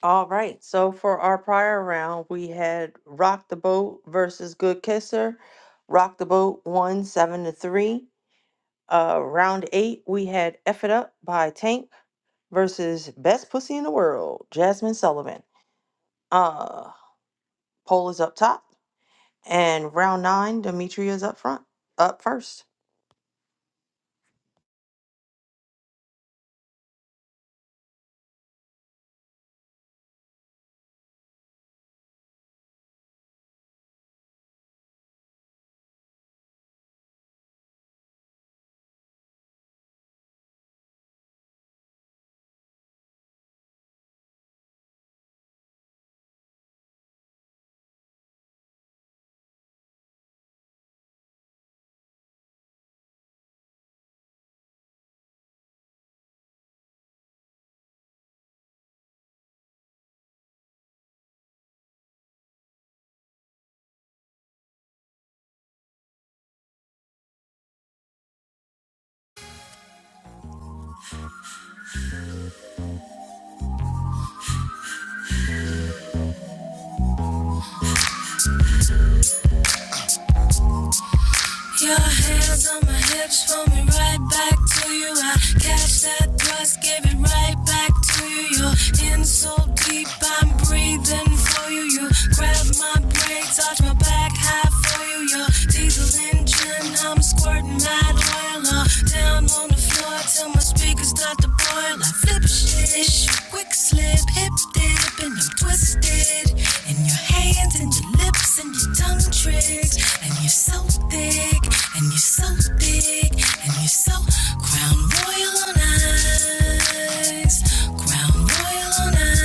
All right, so for our prior round, we had Rock the Boat versus Good Kisser. Rock the Boat won seven to three. Uh, round eight, we had F It Up by Tank versus Best Pussy in the World, Jasmine Sullivan. Uh, poll is up top, and round nine, Demetria is up front, up first.
Your hands on my hips, pull me right back to you. I catch that thrust, give it right back to you. You're in so deep, I'm breathing for you. You grab my brain, touch my back high for you. Your diesel engine, I'm squirting that oil all down on the floor till my speakers start to boil. I flip shit, quick slip, hip dip, and I'm twisted. And your hands hands and your lips and your tongue tricks. And you're so thick, and you're so thick, and you're so crown royal on ice. Crown royal on ice.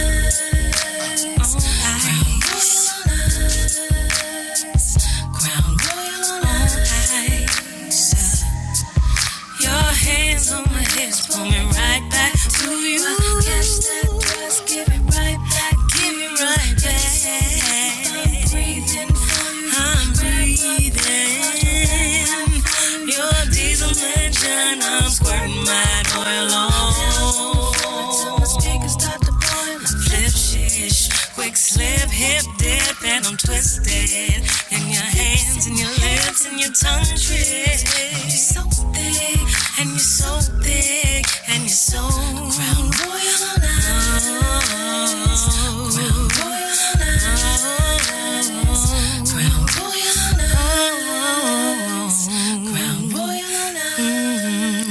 Crown royal on ice. Crown royal on ice. Your hands on my hips, pull me right back to you. Catch that dress, give it right back, give it right back. I'm breathing for you. I'm breathing. Your diesel engine, I'm squirting my oil on. Till my speakers start to boil, Flip shish, quick slip, hip dip, and I'm twisted, and your hands and your lips and your tongue twist. You're so thick, and you're so thick, and you're so crown royal on ice. Crown royal on ice. Crown royal on ice. Crown royal on ice.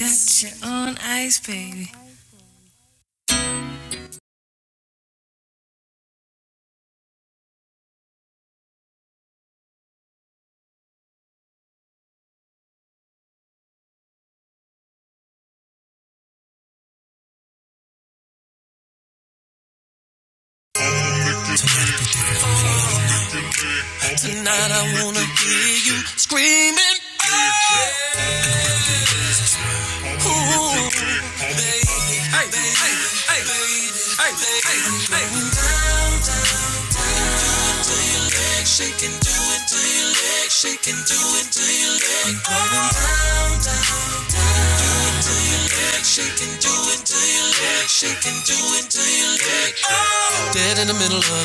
Got you on ice, baby. Tonight I wanna hear you screaming. "Oh," baby. baby.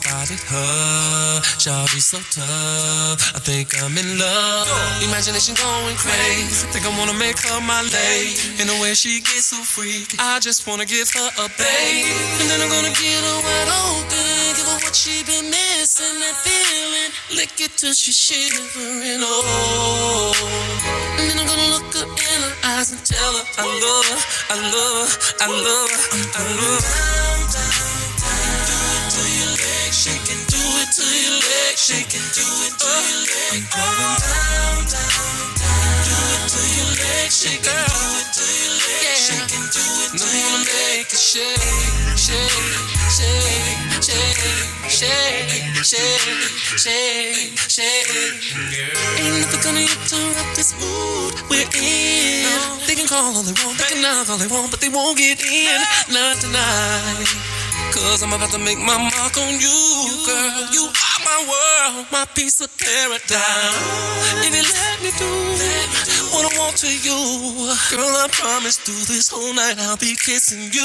started her. Shawty so tough. I think I'm in love. Imagination going crazy. Think I wanna make her my lady. And the way she gets so freaky, I just wanna give her a baby. And then I'm gonna get her wide open. Give her what she been missing. That feeling. Lick it till she shivering. Oh. And then I'm gonna look her in her eyes and tell her I love her, I love her, I love her, I love her. She can do it to your leg. She can do it to your leg. Going down, down to your leg. She can do it to your leg. She can do it to your leg. Shake, shake, shake, shake, shake, shake, shake, shake. Ain't nothing gonna interrupt this mood we're in. They can call all they want, they can knock all they want, but they won't get in. Not tonight. Cause I'm about to make my mark on you, girl. You are my world, my piece of paradise. If you let me do what I want to you, girl, I promise through this whole night I'll be kissing you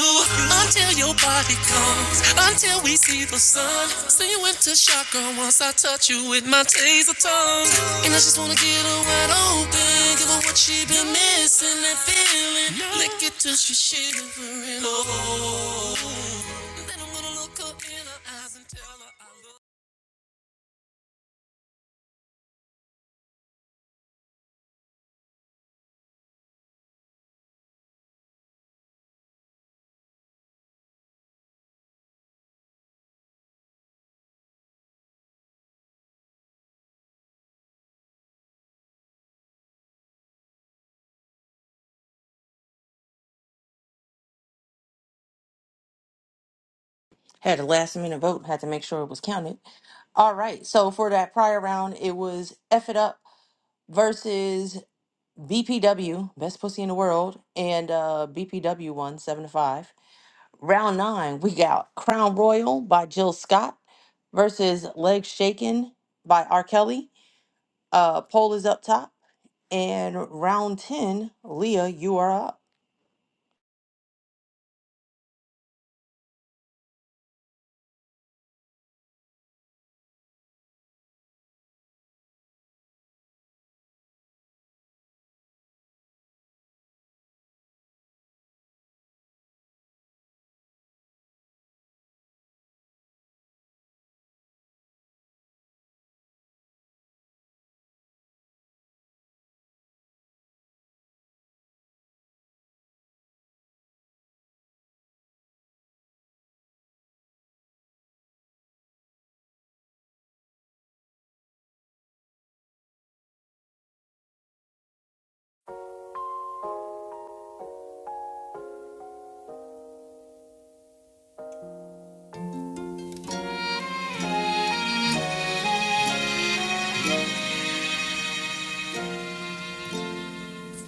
until your body comes, until we see the sun. Say you went to shock, girl, once I touch you with my taser tongue. And I just wanna get her wide open, give her what she been missing, that feeling. Lick it till she's shivering. Oh.
Had a last minute vote, had to make sure it was counted. All right, so for that prior round, it was F It Up versus BPW, Best Pussy in the World, and uh, BPW won seven to five. Round nine, we got Crown Royal by Jill Scott versus Legs Shaken by R. Kelly Uh, poll is up top. And round 10, Leah, you are up.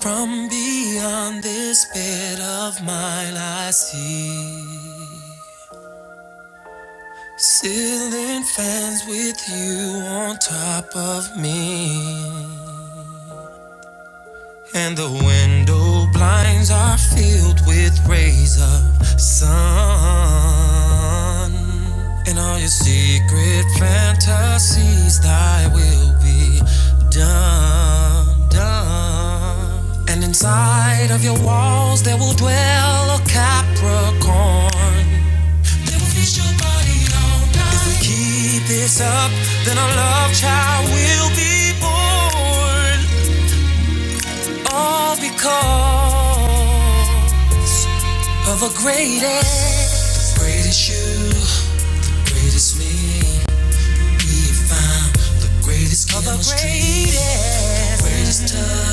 From beyond this bed of mine, I see ceiling fans with you on top of me. And the window blinds are filled with rays of sun. And all your secret fantasies, thy will be done, done. And inside of your walls, there will dwell a Capricorn. They will feast your body all night. If we keep this up, then our love child will be born. All because of a greatest. Greatest you, greatest me. He found the greatest of the chemistry, the greatest. greatest touch.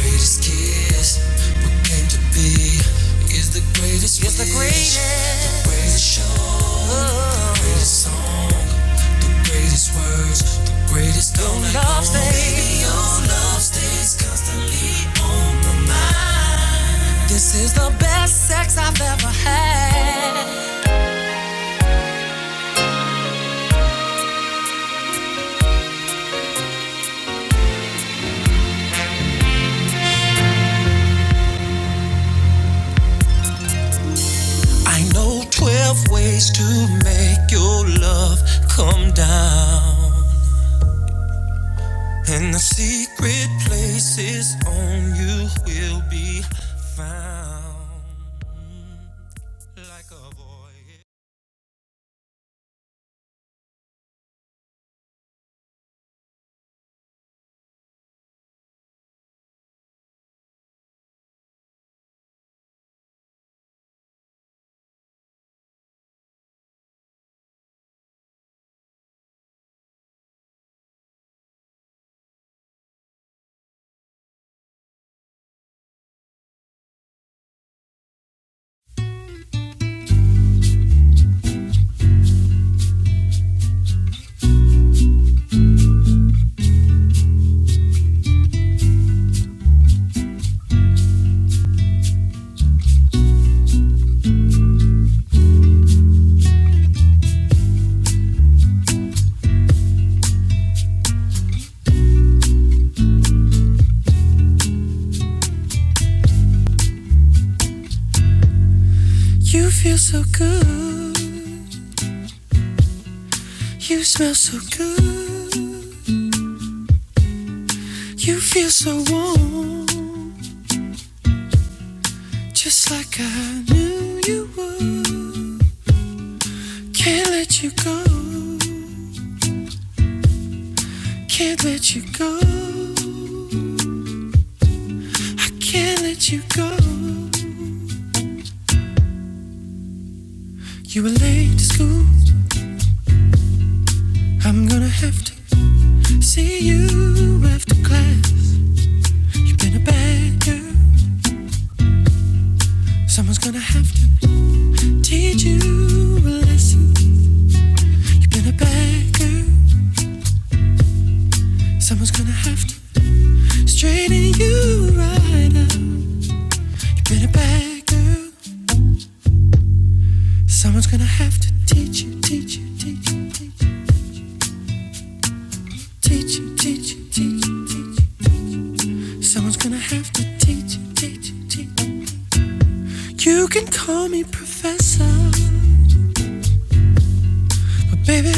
Greatest kiss, what came to be, is the greatest Is the greatest. The greatest show, oh, the greatest song, the greatest words, the greatest don't I love Baby, your love stays constantly on my mind. This is the best sex I've ever had. I know 12 ways to make your love come down. In the secret places on you will be found. Like You feel so good. You smell so good. You feel so warm. Just like I knew you would. You can't let you go. Can't let you go. You were late to school. I'm gonna have to after class. You've been a good teacher lesson. You've been a bad girl. It's gonna have to. Straighten you right up. Bring it back, girl. Teach, teach, teach. You can call me professor. But baby,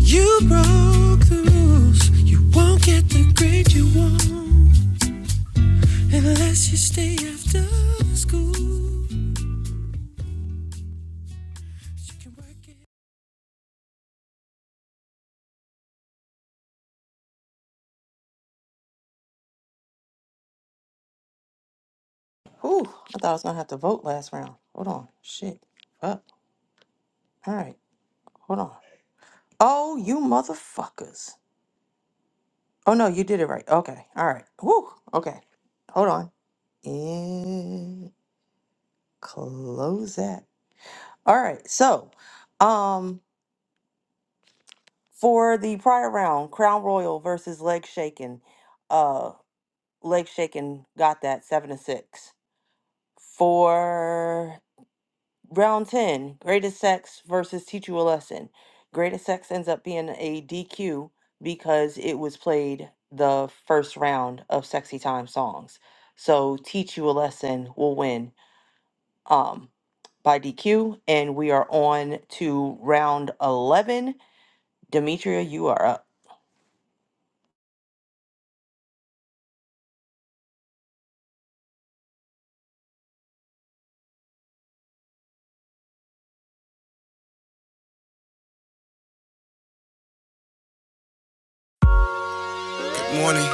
you broke the rules. You won't get the grade you want unless you stay after school. You can work it.
Whew, I thought I was going to have to vote last round. Hold on. Shit. Up. All right. Hold on. Oh, you motherfuckers. Oh, no, you did it right. Okay. All right. Whew. Okay. Hold on. And close that. All right. So, um, for the prior round, Crown Royal versus Leg Shaken, uh, Leg Shaken got that seven to six. For Round 10, greatest sex versus teach you a lesson. Greatest sex ends up being a DQ because it was played the first round of sexy time songs. So teach you a lesson will win um by DQ and we are on to round 11. Demetria, you are up.
Good morning,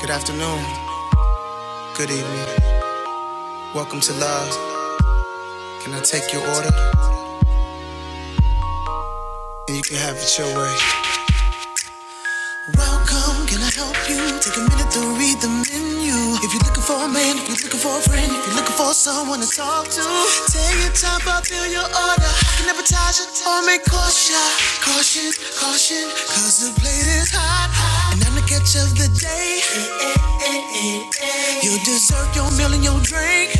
good afternoon, good evening. Welcome to Love. Can I take your order? And you can have it your way. Welcome, can I help you? Take a minute to read the menu. If you're looking for a man, if you're looking for a friend, if you're looking for someone to talk to, take your time, fulfill your order. I can advertise it or make caution. Caution, caution, cause the plate is high. And I'm the catch of the day. Your dessert, your meal, and your drink. You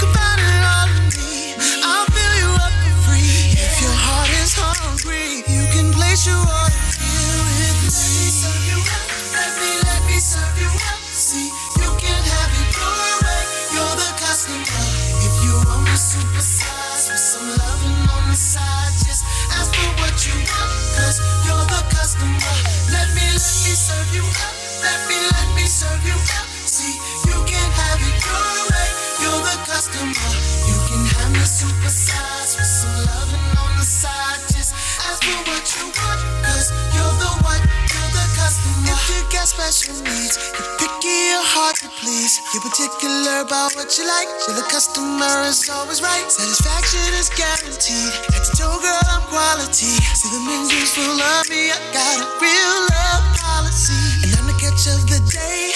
can find it all in me. I'll fill you up for free. If your heart is hungry, you can place your order here with me. Let me serve you up. Let me, let me serve you up. See, you can have it you do it right. You're the custom guy. If you want to supersize with some loving on the side, just ask for what you want. you you're the custom guy. Let me, let me serve you up. Let me, let me serve you up. See, you can have it your way. You're the custom guy. You can have me supersize with some loving on the side, just ask for what you want. you you're the one. To the customer. If you got special needs, you're picky or hard to please. You're particular about what you like. you the customer is always right. Satisfaction is guaranteed. Head to toe, girl, I'm quality. See the menus full of me. I got a real love policy, and I'm the catch of the day.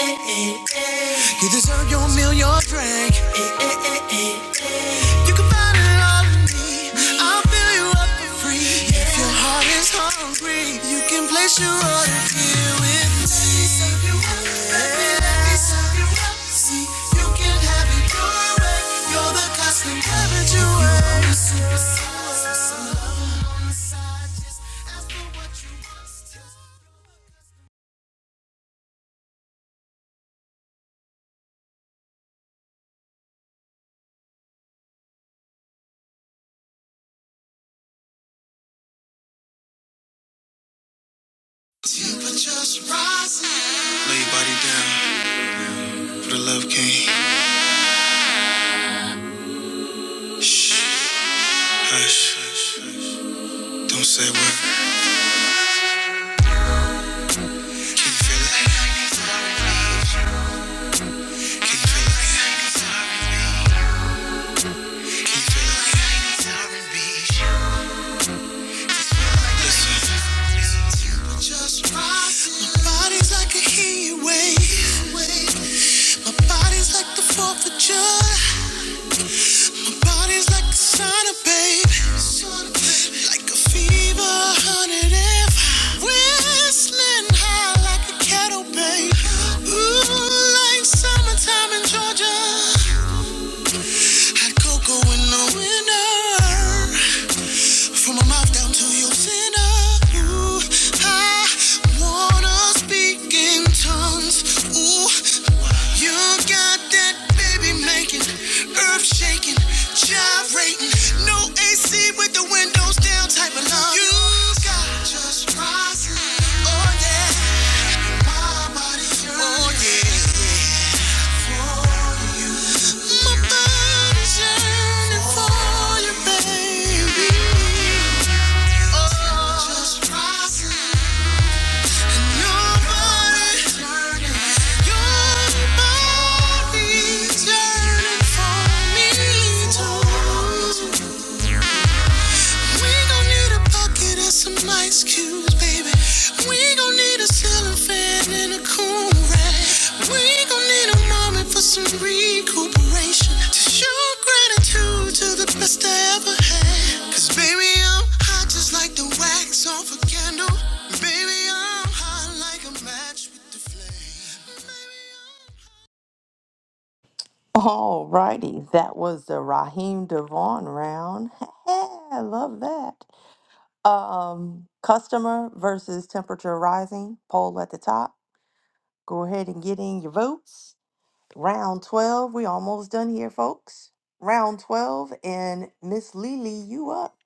You deserve your meal, your drink. You can find it all in me. I'll fill you you up for free. If your heart is hungry, you can place your order here with me. Let me serve you up. baby, me, let me serve you up. See, you can have it your way. You're the cosmic heaven you wear. Lay your body down for the love king. Hush, don't say a word. You feel it? Feel it? Feel it? feel it. My body's like a heat My body's like the fourth My body's like the sun of Like a fever, hundred and five. Whistling high like a kettle, babe. Ooh, like summertime in Georgia. Hot cocoa in the winter. From my mouth down to your center. Ooh, I wanna speak in tongues. Ooh, you got that baby making, earth shaking, gyrating. No AC with the windows down type of love. You got just rising. Oh, yeah. Oh, yeah. My body's yearning for you, baby. Oh, Just right. your body, your body's yearning for me too. We gon' need a bucket and some ice cubes, baby. We gon' need a ceiling fan and a cool rack. We gon' need a moment for some recuperation. To show gratitude to the best I ever had. Cause baby, I'm hot just like the wax off a candle. Baby, I'm hot like a match with the flame. Baby,
Alrighty, that was the Raheem Devon round. I love that. Um, customer versus temperature rising poll at the top Go ahead and get in your votes. Round 12. We almost done here, folks. Round 12 and Miss Lily, you up.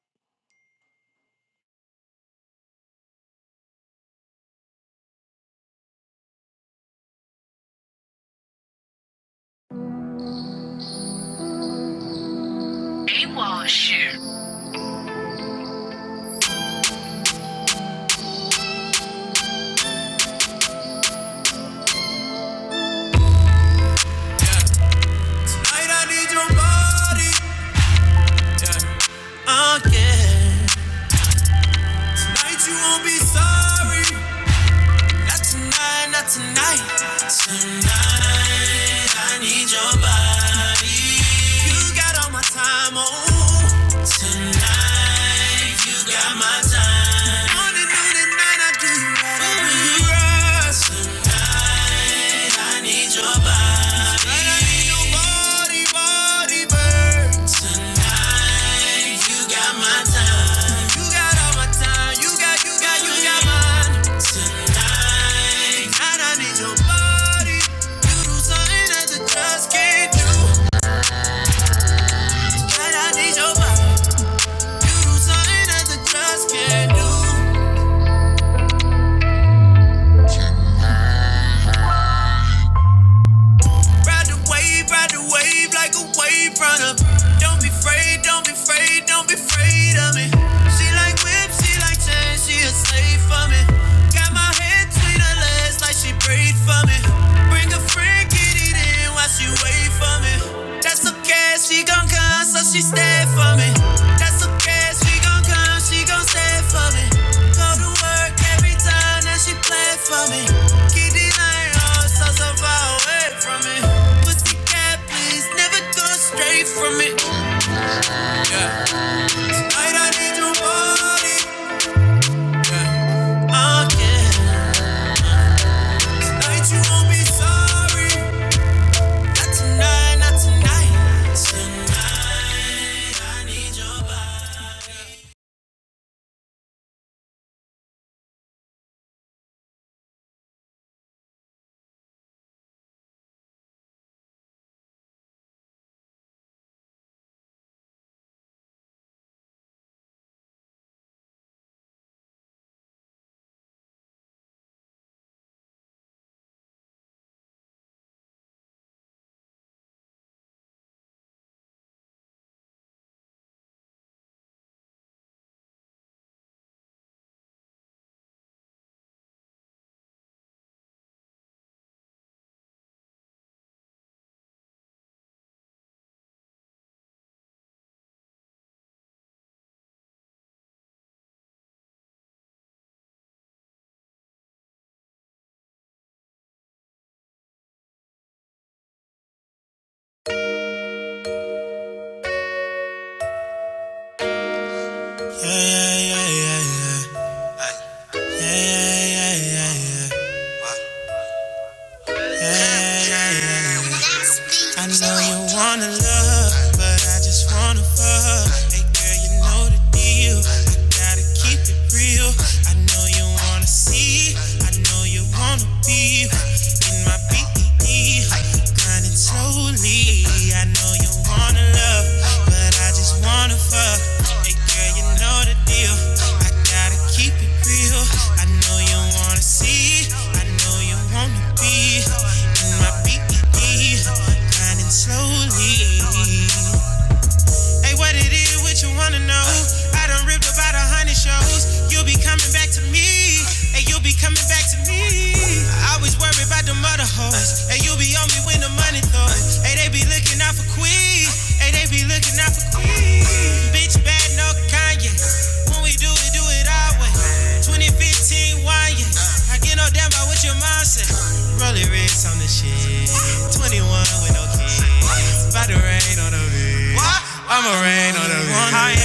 I'm- Night, I need your body. Yeah. Oh, yeah. Night, you won't be sorry. Not tonight, not tonight. Tonight I need your body. You got all my time, oh. You got my time. Morning, noon, and night I do you right. Baby, you rush me, but all my time. You got, you got, you got mine. Tonight I need your body. Do something that the just can't do. Tonight I need your body. Do something that the just can't do. Ride the wave, ride the wave like a wave runner. Don't be afraid, don't be afraid, don't be afraid of me. She like whips, she like chains, she a slave for me. Got my head between her legs like she prayed for me. Bring a friend, get it in while she wait for me. That's okay, she gon' come, so she stay for me. That's okay, she gon' come, she gon' stay for me. Go to work every time that she play for me. Keep the line on, so so far away from me. Pussy cat, please, never go straight from me. Night I need you body. Oh yeah. Night you won't be sorry. Not tonight, not tonight. Tonight. I know you wanna be in my BE. Grinding slowly. I know you wanna love, but I just wanna fuck. Hey girl, you know the deal. I gotta keep it real. I know you wanna see. I know you wanna be in my BE. Grinding slowly. Hey, what it is, what you wanna know? I done ripped about a hundred shows. You'll be coming back to me. Hey, you'll be coming back to me. I always worry about the mother hoes. Hey, you'll be on me when the money throws. Hey, they be looking out for Queen. Hey, they be looking out for Queen. Bitch, bad, no Kanye. When we do it, do it our way. 2015, wine, yeah. I get no damn about what your mom said. Rolling wrist on the shit. 21 with no kids. About to rain on the bitch. What? ain't no wanna doubt. wanna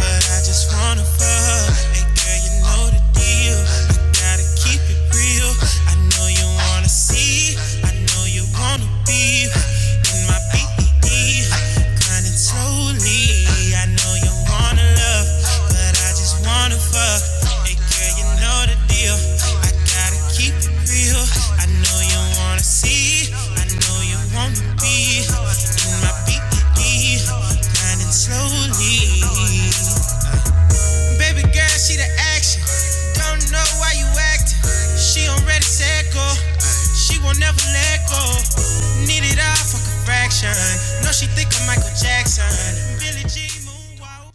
but I just wanna fuck. Hey girl, you know the deal. I gotta keep it real. I know you wanna see. I know you wanna be in my BED. Grinding slowly. I know you wanna love, but I just wanna fuck. Hey girl, you know the deal. I gotta keep it real. I know you wanna see, I know you wanna be in my BPD, grinding slowly. Baby girl, she the action. Don't know why you acting. She already said go. She won't never let go. Need it all for fraction. No, she think I'm Michael Jackson. Billie Jean, moonwalk.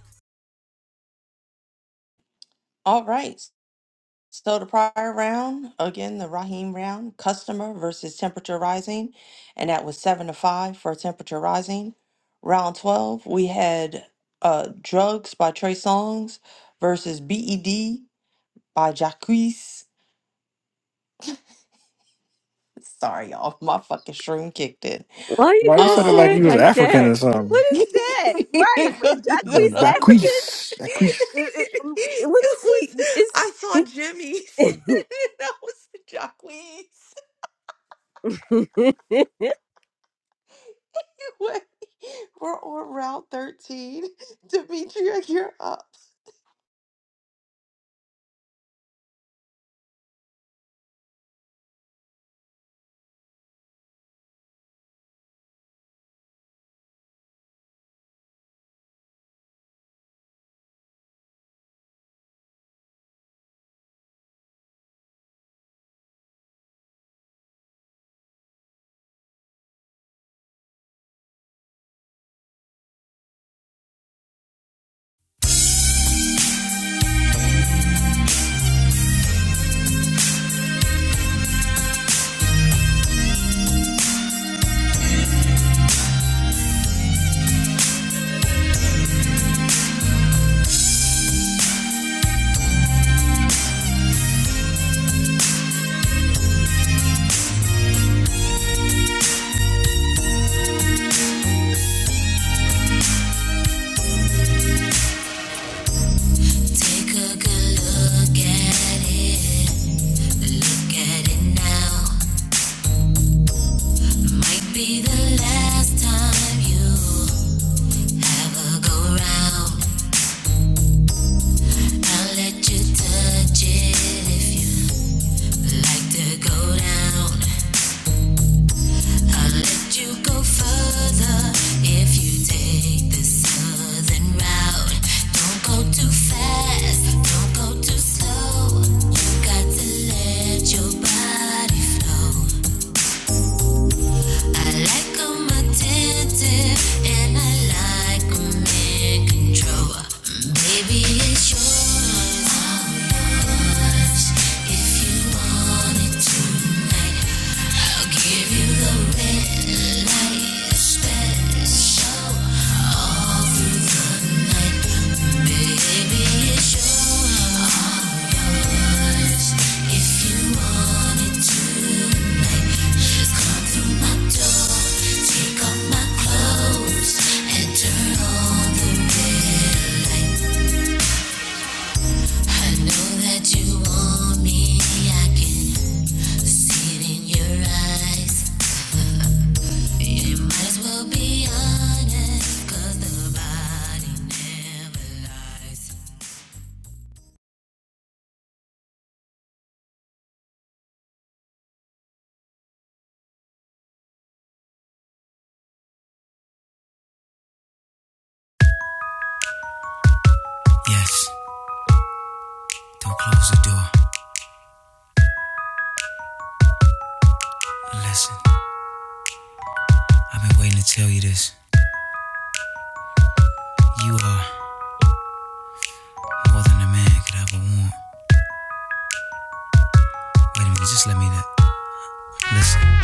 All right. So the prior round, again, the Raheem round, customer versus temperature rising. And that was seven to five for temperature rising. Round 12, we had uh, Drugs by Trey Songz versus BED by Jacquees. Sorry, y'all. My fucking shroom kicked in.
Why you
Why you
guys
said it like
say
you
it
Um.
was
like
African or
that?
something?
What is
You
that?
need
Right?
to go
Is
Yo,
Jacquees
Jacquees, Jacquees.
African? Uh, uh, What
it was I
is
saw Jimmy's and I was the Jacquees.
he? Is
Wait, we're on route 13. Demetria, you're up.
Take a good look at it. Look at it now. Might be the last time you have a go round. I'll let you touch it if you like to go down. I'll let you go further if you take the southern route. Don't go too fast. Don't go too slow. You got to let your body flow. I like 'em attentive and I like 'em in control. Baby, it's yours, I'm yours. If you want it tonight, I'll give you the red light special all through the night. Baby, it's yours, I'm yours. If you want it tonight well Yes, don't close the door. Listen, I've been waiting to tell you this. You are more than a man could ever want. Wait a minute, just let me that. Listen.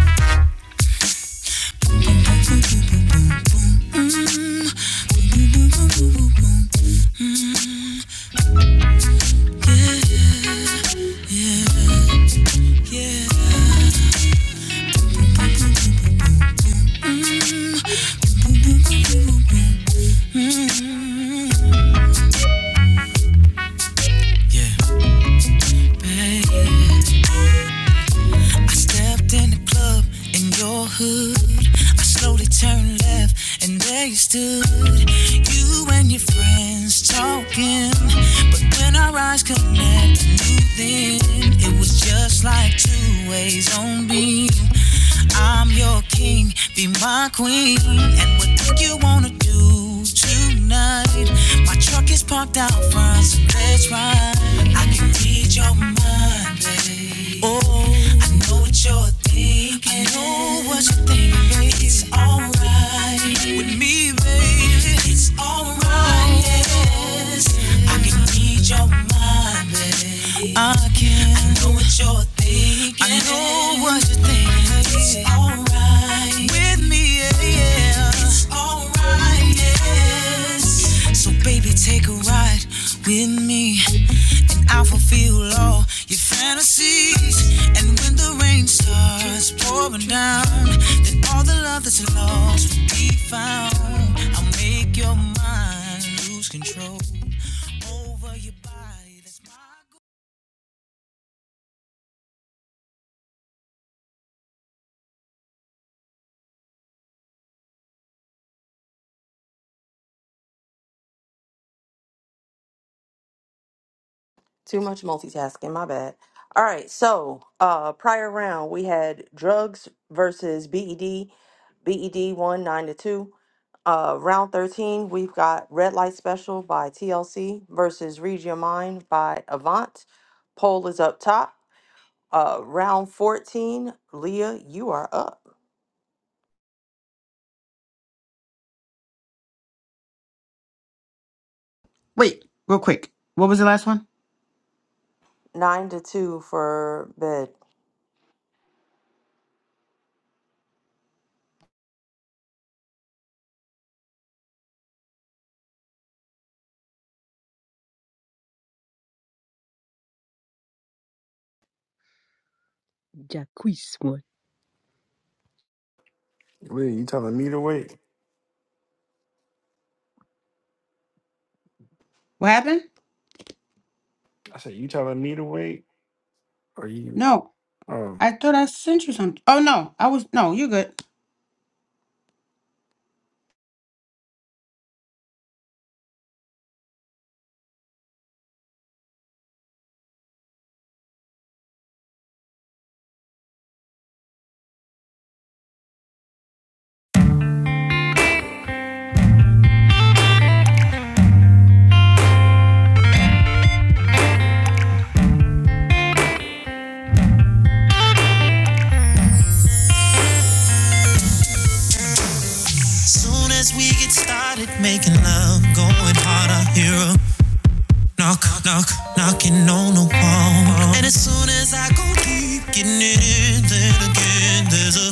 Yeah. baby. I stepped in the club in your hood. I slowly turned left and there you stood. You and your friends talking. But when our eyes connect, I knew then it was just like two ways on beam. I'm your king, be my queen. And what do you wanna do tonight? My truck is parked out front, so let's ride. I can read your mind. Monday. Oh, I know what you're thinking. I know what you're thinking, babe. It's alright with me, baby. It's alright. Yes, I can read your mind, baby. I can. I know what you're thinking. I know what you're thinking. It's alright with me, yeah. yeah. It's alright. Yes. So baby, take a ride with me. And I'll fulfill all your fantasies. And when the rain starts pouring down, then all the love that's lost will be found. I'll make your mind lose control over your body. That's my goal.
Too much multitasking, my bad. All right, so uh prior round we had drugs versus BED, BED 1 9 to 2. Uh round 13, we've got Red Light Special by TLC versus Read Your Mind by Avant. Poll is up top. Uh round 14, Leah, you are up.
Wait, real quick. What was the last one?
9 to 2 for bed.
Jacquees one?
Wait, you telling me to wait?
What happened?
I said you telling me to wait, or you?
No,
Oh.
I thought I sent you something. Oh no, I was no, you're good.
As Soon as we get started making love, going hard, I hear a knock, knock, knocking on the wall. And as soon as I go deep, getting it in, then again, there's a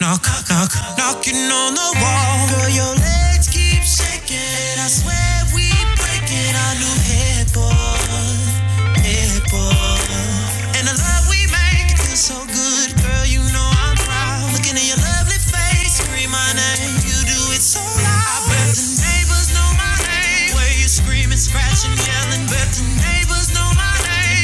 Knock, knock, knocking on the wall. Girl, your legs keep shaking. and I swear we breaking our new headboard, headboard. And the love we make feels so good, girl. You know I'm proud. Looking at your lovely face, scream my name. You do it so loud. I bet the neighbors know my name. Where you screaming, scratching, yelling, bet the neighbors know my name.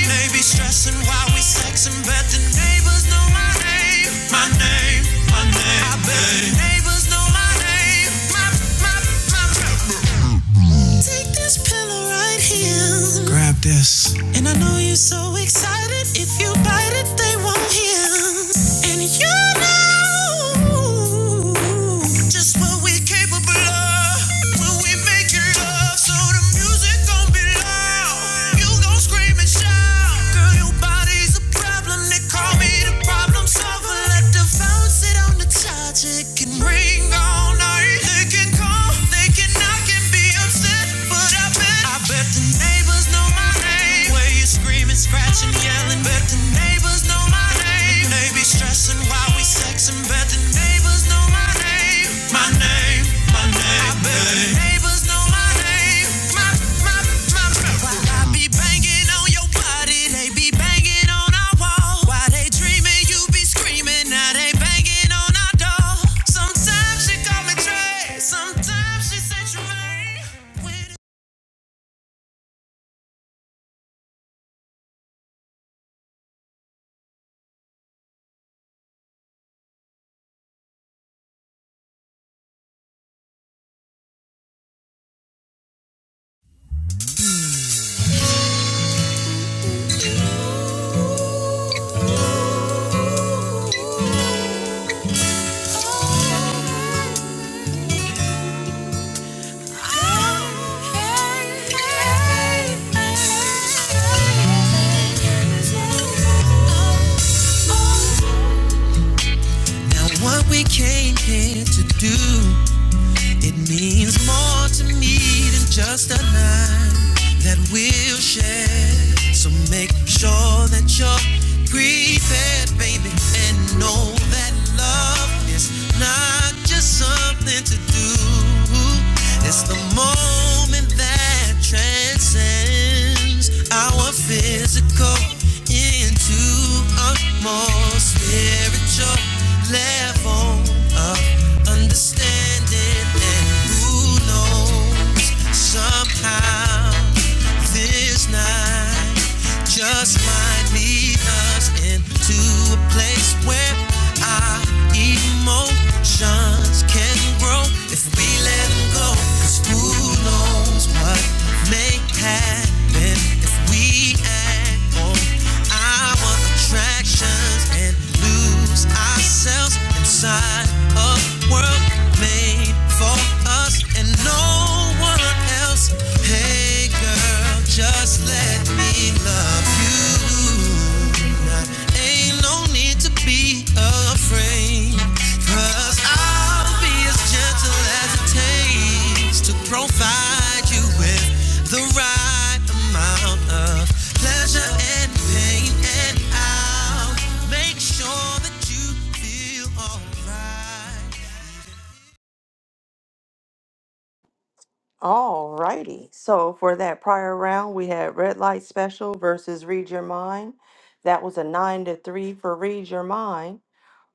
They be stressing while we sexing, but the neighbors know my name. My name, my name. I bet the neighbors know my name. My, my, my. my. Take this pillow right here. Grab this. And I know you're so excited. If you bite it, they won't hear. And you know just what we're capable of when we make it love. So the music gon' be loud. You gon' scream and shout. Girl, your body's a problem. They call me the problem solver. Let the phone sit on the charge. It can ring all night. They can call, they can knock and be upset, but I bet, I bet the neighbors know my name. Where you screaming, scratching, yelling, but the neighbors know my name. They be stressing while we sexing, but the neighbors know my name. My name, my name. I bet the neighbors know my name. My, my, my, my. While I be banging on your body, they be banging on our wall. While they dreaming, you be screaming. Now they banging on our door. Sometimes she call me Trey, sometimes she say Tremaine. Now what we came here to do it means more to me than just a night that we'll share. So make sure that you're prepared, baby, and know that love is not just something to do. It's the moment that transcends our physical into a more spiritual level of understanding standing, and who knows? Somehow this night just might lead us into a place where our emotions can grow if we let them go. 'Cause who knows what may happen if we act on our attractions and lose ourselves inside a world made for us and no one else. Hey girl, just let me love you. Now, Ain't no need to be afraid. Cause I'll be as gentle as it takes to provide you with the right amount of pleasure and pain. And I'll make sure that you feel alright.
Alrighty, so for that prior round, we had Red Light Special versus Read Your Mind. That was a nine to three for Read Your Mind.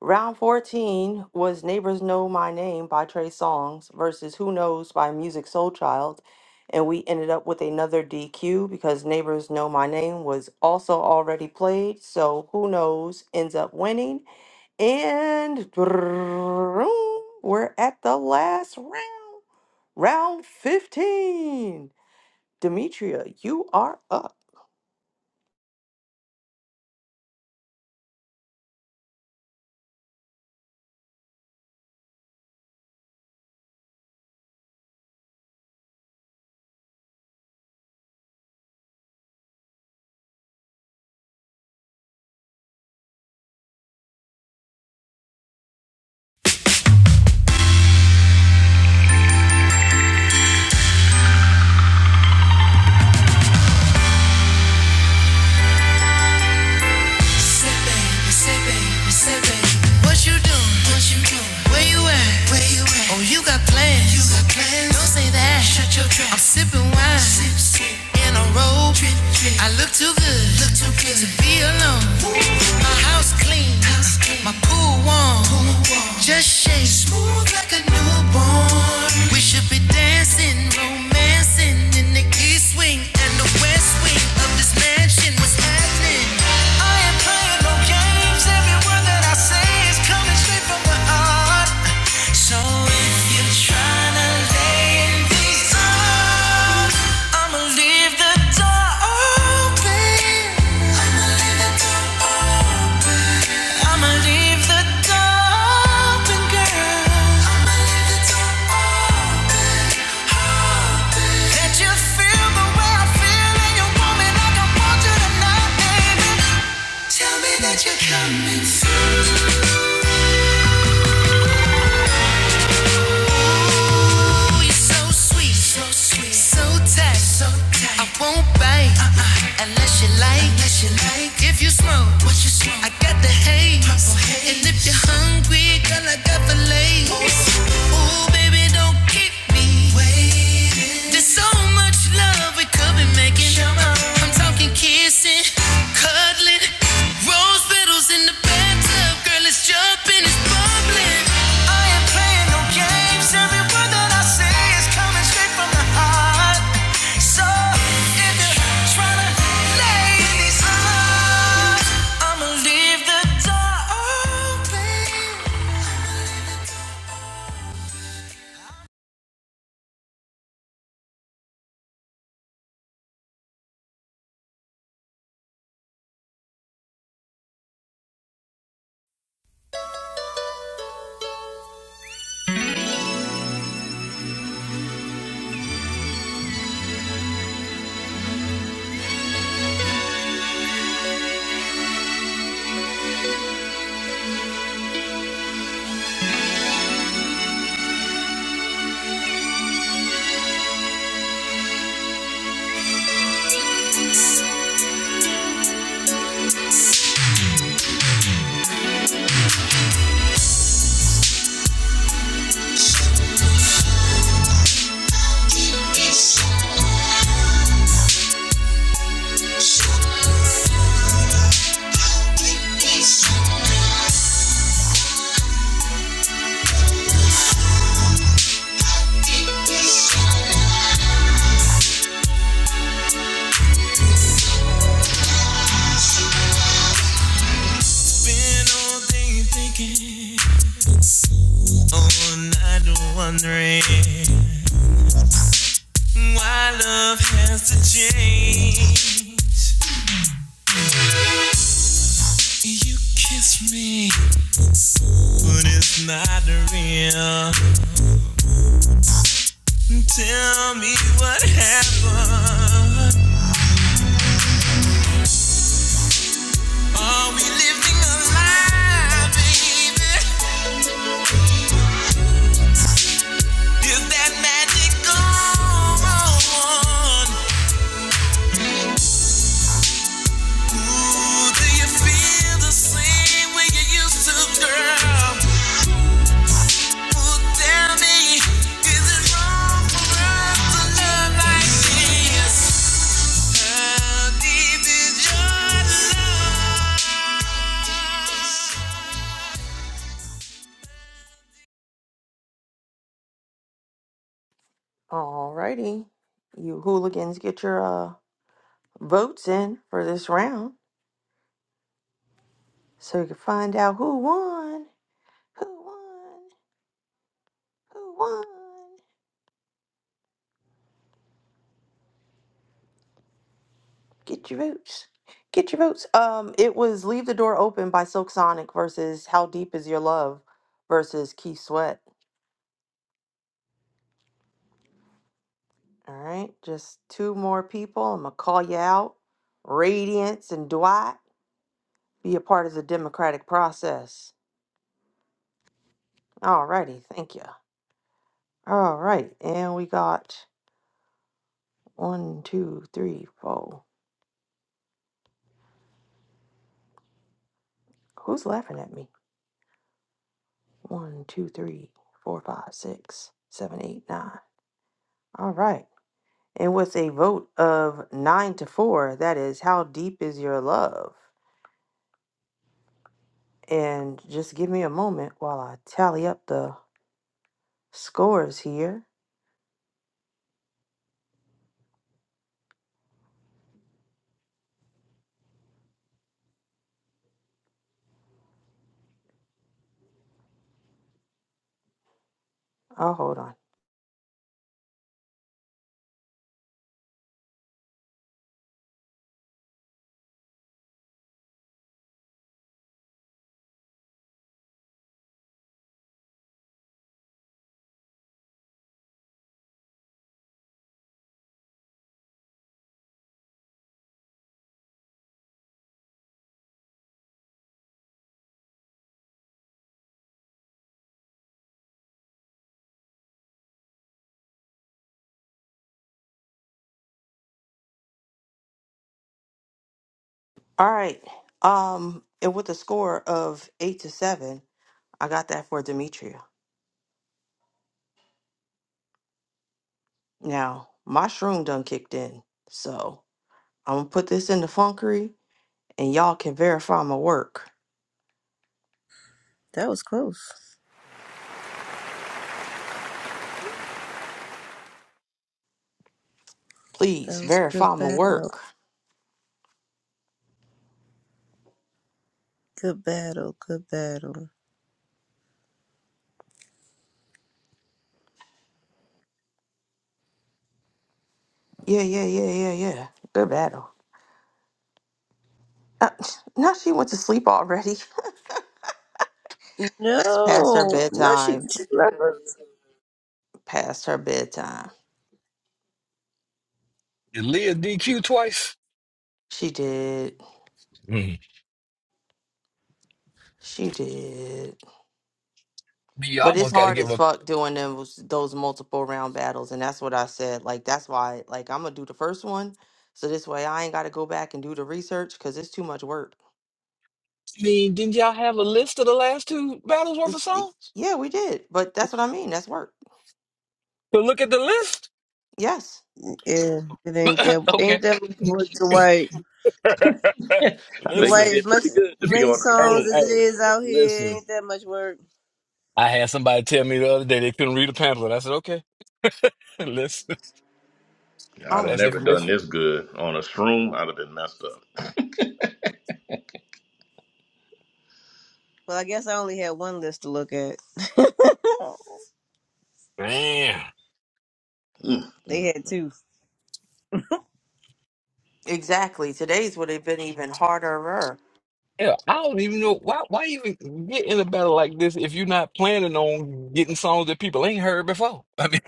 Round 14 was Neighbors Know My Name by Trey Songz versus Who Knows by Music Soul Child. And we ended up with another DQ because Neighbors Know My Name was also already played. So Who Knows ends up winning. And we're at the last round, round 15. Demetria, you are up.
Say baby, say baby, say baby. What you doing? Where you at? Oh, you got plans. Don't say that. I'm sipping wine. In a robe. I look too good. Look too good. To be alone. My house clean. House clean. My pool warm. Just shake smooth like a newborn. We should be dancing, romancing in the east wing and the west wing of this mansion. What's happening? I ain't playing no games. Every word that I say is coming straight from the heart. So if you're trying to lay in these arms, I'ma leave the door open. I'ma leave the door open, girl. That you feel the way I feel and you want me like I want you tonight, baby. Ooh, you're so sweet, so so tight, so I won't bite uh-uh. unless you like, like. If you smoke, I got the haze. And if you're hungry, girl, I got the lace. Ooh, baby, don't keep me waiting. There's so much love we could be making. I'm talking kissing, cuddling, rose petals in the bathtub. Girl, it's jumping, it's bubbling. I ain't playing no games. Every word that I say is coming straight from the heart. So if you're trying to lay in these arms, I'ma leave the door open. Been all day thinking, all night wondering. Why love has to change. You kiss me, but it's not real. Tell me what happened. Are we living a lie, baby? Is that magic gone? Ooh, do you feel the same way you used to, girl? Ooh, tell me, is it wrong for us to love like this? How deep is your love?
Alrighty. You hooligans get your uh, votes in for this round so you can find out who won. Who won? Who won? Get your votes. Get your votes. Um, it was Leave the Door Open by Silk Sonic versus How Deep Is Your Love versus Keith Sweat. All right, just two more people. I'm gonna call you out. Radiance and Dwight, be a part of the democratic process. All righty, thank you. All right, and we got one, two, three, four. Who's laughing at me? One, two, three, four, five, six, seven, eight, nine. All right, and with a vote of nine to four, that is how deep is your love? And just give me a moment while I tally up the scores here. Oh, hold on. All right. Um, and with a score of eight to seven, I got that for Demetria. Now, my shroom done kicked in. So I'm gonna put this in the funkery and y'all can verify my work.
That was close. That
Please
was a good
verify my work.
battle. Good battle. Good battle.
Yeah, yeah, yeah, yeah, yeah. Good battle. Uh, now she went to sleep already. It's past her
No, no, she,
bedtime.
she left us.
Past her bedtime.
Did Leah DQ twice?
She did.
Mm.
She did.
You
But it's
almost got to
hard
give
as
up.
fuck doing those those multiple round battles, and that's what I said. Like that's why, like I'm gonna do the first one, so this way I ain't gotta go back and do the research because it's too much work.
I mean, didn't y'all have a list of the last two battles worth of
It's,
songs?
yeah, we did, but that's what I mean. That's work.
But look at the list.
Yes.
Yeah, it ain't that. Ain't
okay.
that much work to write?
I
The
think you
white
listen.
as
did
much
pretty good to be
many
on a
Hey,
songs
shroom.
as it
hey,
is out here.
listen.
Ain't that much work?
I had somebody tell me the other day they couldn't read a pamphlet. I said, okay, listen.
I'd
Oh
have
my
That's
never done
information.
god.
this good on a shroom. I'd have been messed up.
Well, I guess I only had one list to look at.
Man.
Mm,
they
mm.
had two.
Exactly. Today's would have been even harder.
Yeah, I don't even know why. Why even get in a battle like this if you're not planning on getting songs that people ain't heard before? I mean,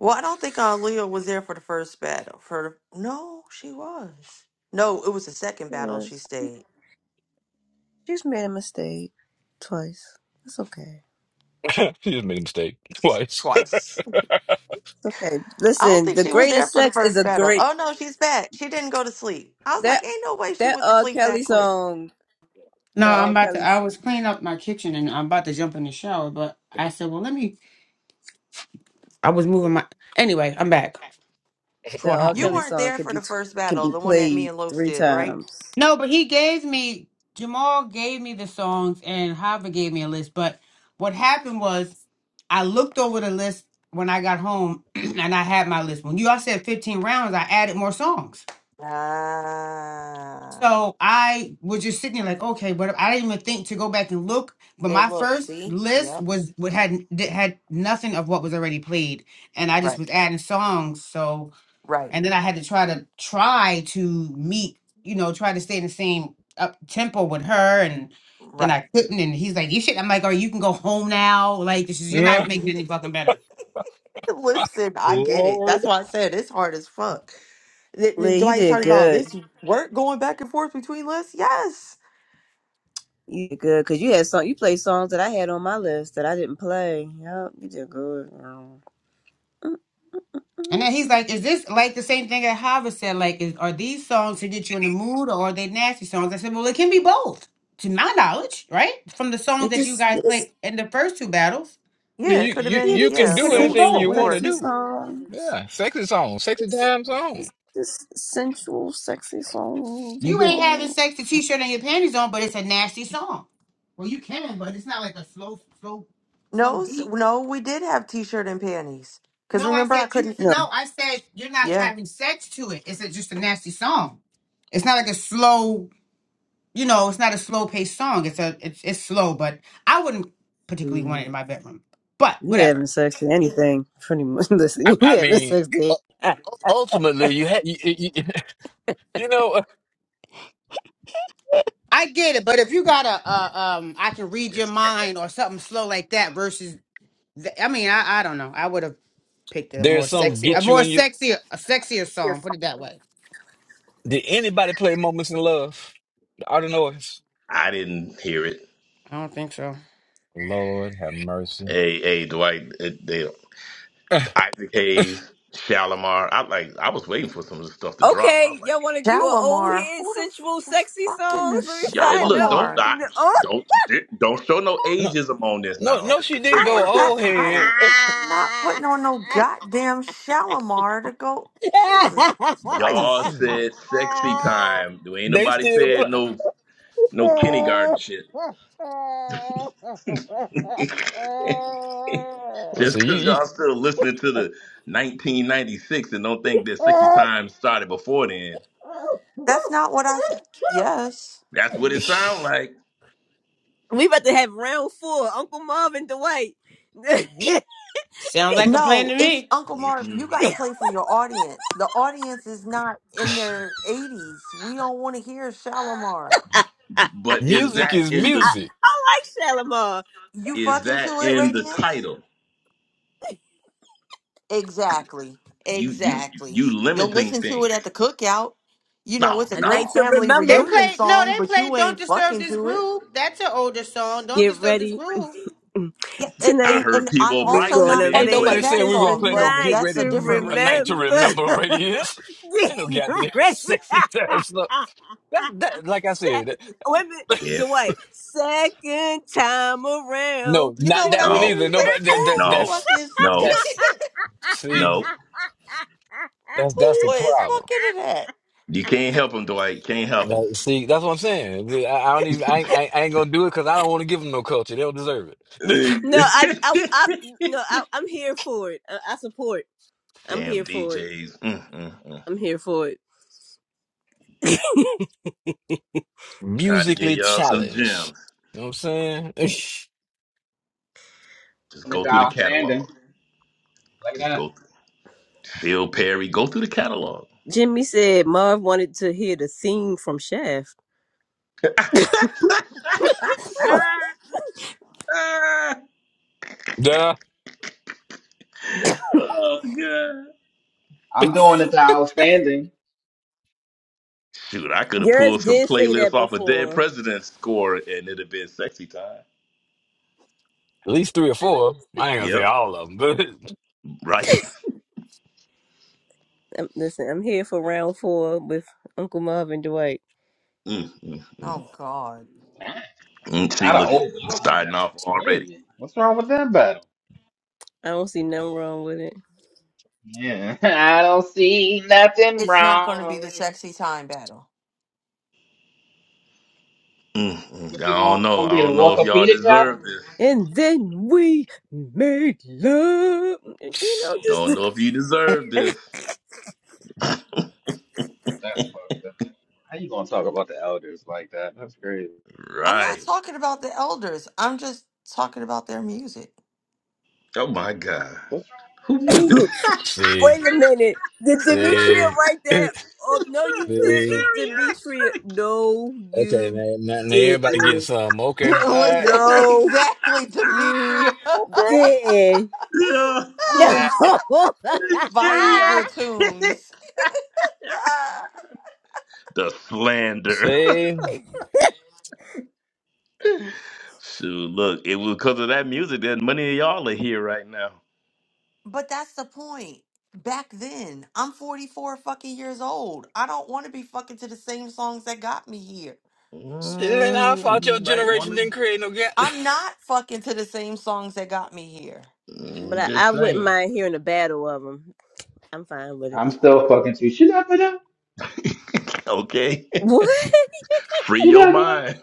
Well, I don't think uh, Leah was there for the first battle. For no, she was. No, it was the second
It
battle. She
was.
stayed
She's made a mistake twice. It's okay.
you just made a mistake twice.
twice.
It's okay.
I don't
Listen,
think
the
she was there
greatest
for the
sex is
first
a
battle.
great
Oh no, she's back. She didn't go to sleep. I was
that
like, ain't no way she
that
went to
R.
sleep
Kelly
that quick.
song.
No,
That
I'm
R.
about to.
Kelly
I was cleaning up my kitchen and I'm about to jump in the shower, but I said, well, let me. I was moving my. Anyway, I'm back
that
for a
R.
hot
You
Kelly
minute.
weren't
song
there
can
for
be
the
t-
first
can
battle,
be
the one that me
played
and Los
three
did, right?
times.
No, but he gave me Jamal gave me the songs and Hava gave me a list. But what happened was I looked over the list when I got home and I had my list. When you all said 15 rounds, I added more songs.
Ah.
So I was just sitting there like, okay, but I didn't even think to go back and look. But
And
my
look,
first
see?
list
Yep.
was what had that had nothing of what was already played, and I just
Right.
was adding songs. So
Right.
and then I had to try to try to meet, you know, try to stay in the same up tempo with her, and then
Right.
I couldn't. And he's like, you should. I'm like, or you can go home now. Like this is you're not making it any fucking better.
Listen, I get it.
Lord,
That's why I said it's hard as fuck. Th- th-
Lee, you
Dwight's
did
talking about
good.
this work going back and forth between lists. Yes.
You did good because you had song. You played songs that I had on my list that I didn't play. Yep, you did good. girl.
And
Mm-mm.
then he's like, "Is this like the same thing that Harvard said? Like, is, are these songs to get you in the mood, or are they nasty songs?" I said, "Well, it can be both, to my knowledge, right? From the
They
songs that you
just,
guys
they just
played in the first two battles,
I
Yeah,
mean,
it
you
could have
you
yeah,
been.
they
you can
it
Yeah,
could
do
just
that
have
w-
been
sent
anything
that
you
both.
we
want to
were.
sexy
do.
songs.
Yeah, sexy song, sexy time song.
this sensual, sexy song.
You
You
just,
ain't having sex, the t-shirt and your panties on, but it's a nasty song. Well, you can, but it's not like a slow, slow, slow
No, s-
beat.
no, we did have t-shirt and panties. Cause
No, I
remember, I
said you.
couldn't.
No,
No, I said you're not
Yeah,
having sex to it. It's a, just a nasty song. It's not like a slow." you know, it's not a slow paced song. It's a it's it's slow, but I wouldn't particularly want it in
Mm,
my bedroom. But
you having
whatever.
sex to anything? Pretty much.
I,
Listen,
I
you having
mean,
sex
u-
to
u- ultimately, you had you, you, you you know, uh,
I get it, but if you got a, a um, I can read your
Just,
mind or something slow like that versus, the, I mean, I, I don't know. I would have picked a more
there's some
sexy, a
get you
more
in you.
sexy, a sexier song. Put it that way.
Did anybody play "Moments in Love"? I don't know. It's
I didn't hear it.
I don't think so.
Lord have mercy.
Hey, hey, Dwight, it, they, Isaac Hayes, Shalimar. I like. I was waiting for some of the stuff to drop. I
okay?
was like,
Y'all want to do an old
Shalimar.
head
Who the f-
sensual,
is
sexy
fucking
song? Let me
yeah, it,
find
look,
out.
don't
Shalimar?
I,
You know,
don't don't show no
No,
ageism on this
no,
now.
no.
Just
She
because
didn't
your
I
go
am at.
playlist,
old
I
head.
am not putting on no goddamn Shalimar to go. Jesus
y'all
Christ!
They
said sexy time. There ain't nobody
still
said
play.
no no kindergarten shit. Just
Listen, you,
because
you,
y'all still listening to the 1996 and don't think that 60 Times started before then,
That's not what I
oh.
said. Yes.
that's what it sounds like.
We about to have round four, Uncle Marvin Dwight. I,
Sounds like a plan
No,
to
it's
me.
Uncle Mark.
Mhm.
You got to play for your audience. The audience is not in their 80s. We don't want to hear Shalimar.
But is
music
that
is
in the
I
music.
like Shalimar.
You
is
fucking to
that
it,
in the
Radiance?
title?
Exactly.
You you
Exactly.
you
You'll
limiting
listen to it at
things?
the cookout. You know,
No,
it's a
A night
great
no.
to
family
They
remember.
reunion
played no,
song,
they
but you
played "Don't
ain't
Disturb
fucking
This
to it.
Groove." That's an older song. "Don't
Get
Disturb This
ready.
Groove."
Yeah, and,
I
and,
Tonight,
heard
and I'm
Peebo
we're
also
Bryson
not
gonna
Ain't
being
fucking to
make
nobody
played.
that
saying we are
this a
gonna
song,
play no
but
get
night
that's
ready
to
a different
a night
reason.
to
remember.
remember
Get
right here. Ain't no goddamn
ready.
sexy time stuff. That that like I said,
Se-
that-
wait a minute,
Yeah.
Dwight. Second time around.
no,
You know
not
what
that
I
Dun,
one
No,
mean?
dun,
either.
Like,
Nobody that
who
dun.
that
the
no,
fuck
that's
is,
no,
that's see
no.
that's that's the
who is
problem.
fucking to that?
You can't help him, Dwight. You can't help him.
Like, see, that's what I'm saying. I, I don't even I, ain't- I, ain't- I ain't gonna do it because I don't want to give them no culture. They don't deserve it.
No, I, I, I no, I, I'm here for it. I, I support. I'm
Damn
here for it.
DJs. Mm, mm, mm.
I'm here for it.
Trying to give
Musically
y'all some
challenged.
gems.
You know what I'm saying?
Just
doing it
go
to
through the catalog.
outstanding. Like
Just
that.
go through Phil Perry. Go through the catalog.
Jimmy said Marv wanted to hear the theme from Shaft.
Ah,
Duh.
oh god.
I'm
At
doing it to outstanding.
Shoot, I could have
Yours
pulled some
did say that
playlists off of Dead
before.
President's score and it'd have been sexy time.
least three or
Um,
four. I ain't gonna say
Yep.
all of them, but
Right.
listen, I'm here for round four with Uncle Marv and Dwight.
Mm, mm, mm,
Oh God.
mm. See,
Not a
look it.
old God.
Starting
That's
off already.
crazy. What's wrong with that battle?
I don't see nothing wrong with it.
Yeah. I don't see nothing
It's not going to be the
wrong.
sexy time battle.
Mm, mm.
What's it
I
gonna
don't know.
be?
I
The
don't know if y'all
orthopedic battle?
deserve this.
And then we made love. You know,
Don't
just.
know if you deserve this.
That's fucked up. How you gonna talk about the elders like that? That's crazy.
I'm not
Right.
talking about the elders. I'm just talking about their music.
Oh my God.
What's
Who
wrong with
put that?
you?
see.
Wait a minute. Did Demetria
See,
write that? Oh, no, you
the
see.
didn't,
cherry
Demetria.
act.
No,
Okay,
you
now, now, now everybody getting
didn't.
some. Okay, all
Yeah,
right.
listen
No,
exactly,
you
Demetria.
Okay. All
didn't.
Yeah.
No.
right.
but I,
The
Viagra
Geriatric.
tunes.
the slander.
See,
Shoot, look, it was because of that music that many of y'all are here right now.
but that's the point. Back then, I'm 44 fucking years old. I don't want to be fucking to the same songs that got me here.
see. Then I thought your
Mm, you might
generation
want
didn't
to.
create no gap.
I'm not fucking to the same songs that got me here.
Mm, just
I wouldn't
saying.
mind hearing a battle of them. I'm fine with it.
I'm still fucking too. Shoot up it up.
Okay.
What?
Free
Shoot
your
up it up.
mind.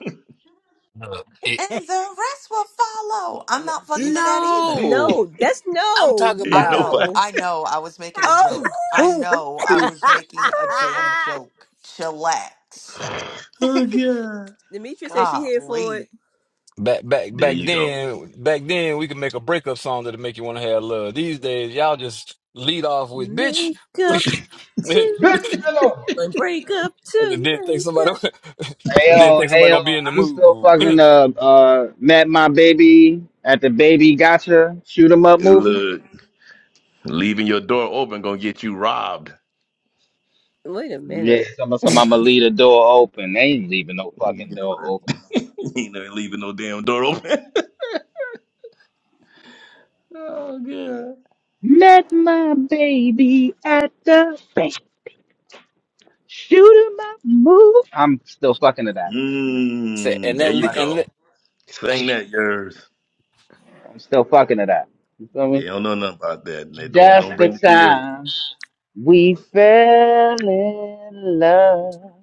no, it-
and the rest will follow. I'm
No,
not fucking to that either.
no.
no that's
I'm
no,
talking
I
Ain't
about
know,
nobody.
no.
I know I was making a joke. I
Oh.
know I
see.
was making a damn joke. Chillax.
Oh, God.
Demetria says she here for it.
Golly.
Back back
There
back
you go.
then, back then we could make a breakup song that'll make you want to have love. These days, y'all just lead off with bitch,
Makeup
and
too.
Bitch, get over.
Like, break up to
then think
make
somebody,
up.
Hey
and then
yo,
think somebody
hey yo,
gonna be in the
I'm still fucking
mood.
uh uh met my baby at the baby gotcha shoot 'em up movie.
Look, leaving your door open gonna get you robbed.
Wait a
Yeah,
minute.
some some I'ma leave the door open. They ain't leaving no
You
fucking
know
door
that.
open.
You know, leaving no damn door open. Oh, God.
Met my baby at the bank. Shoot him up, move. I'm still fucking to that.
Say,
Mmm,
and
there
that
Still
le-
you
fucking
and
to
go.
le-
that.
Sing
and.
that, yours.
I'm still fucking to that. You feel
They
me?
don't know nothing about that. and They don't
Just
don't
the
bring the bill
time we fell in love.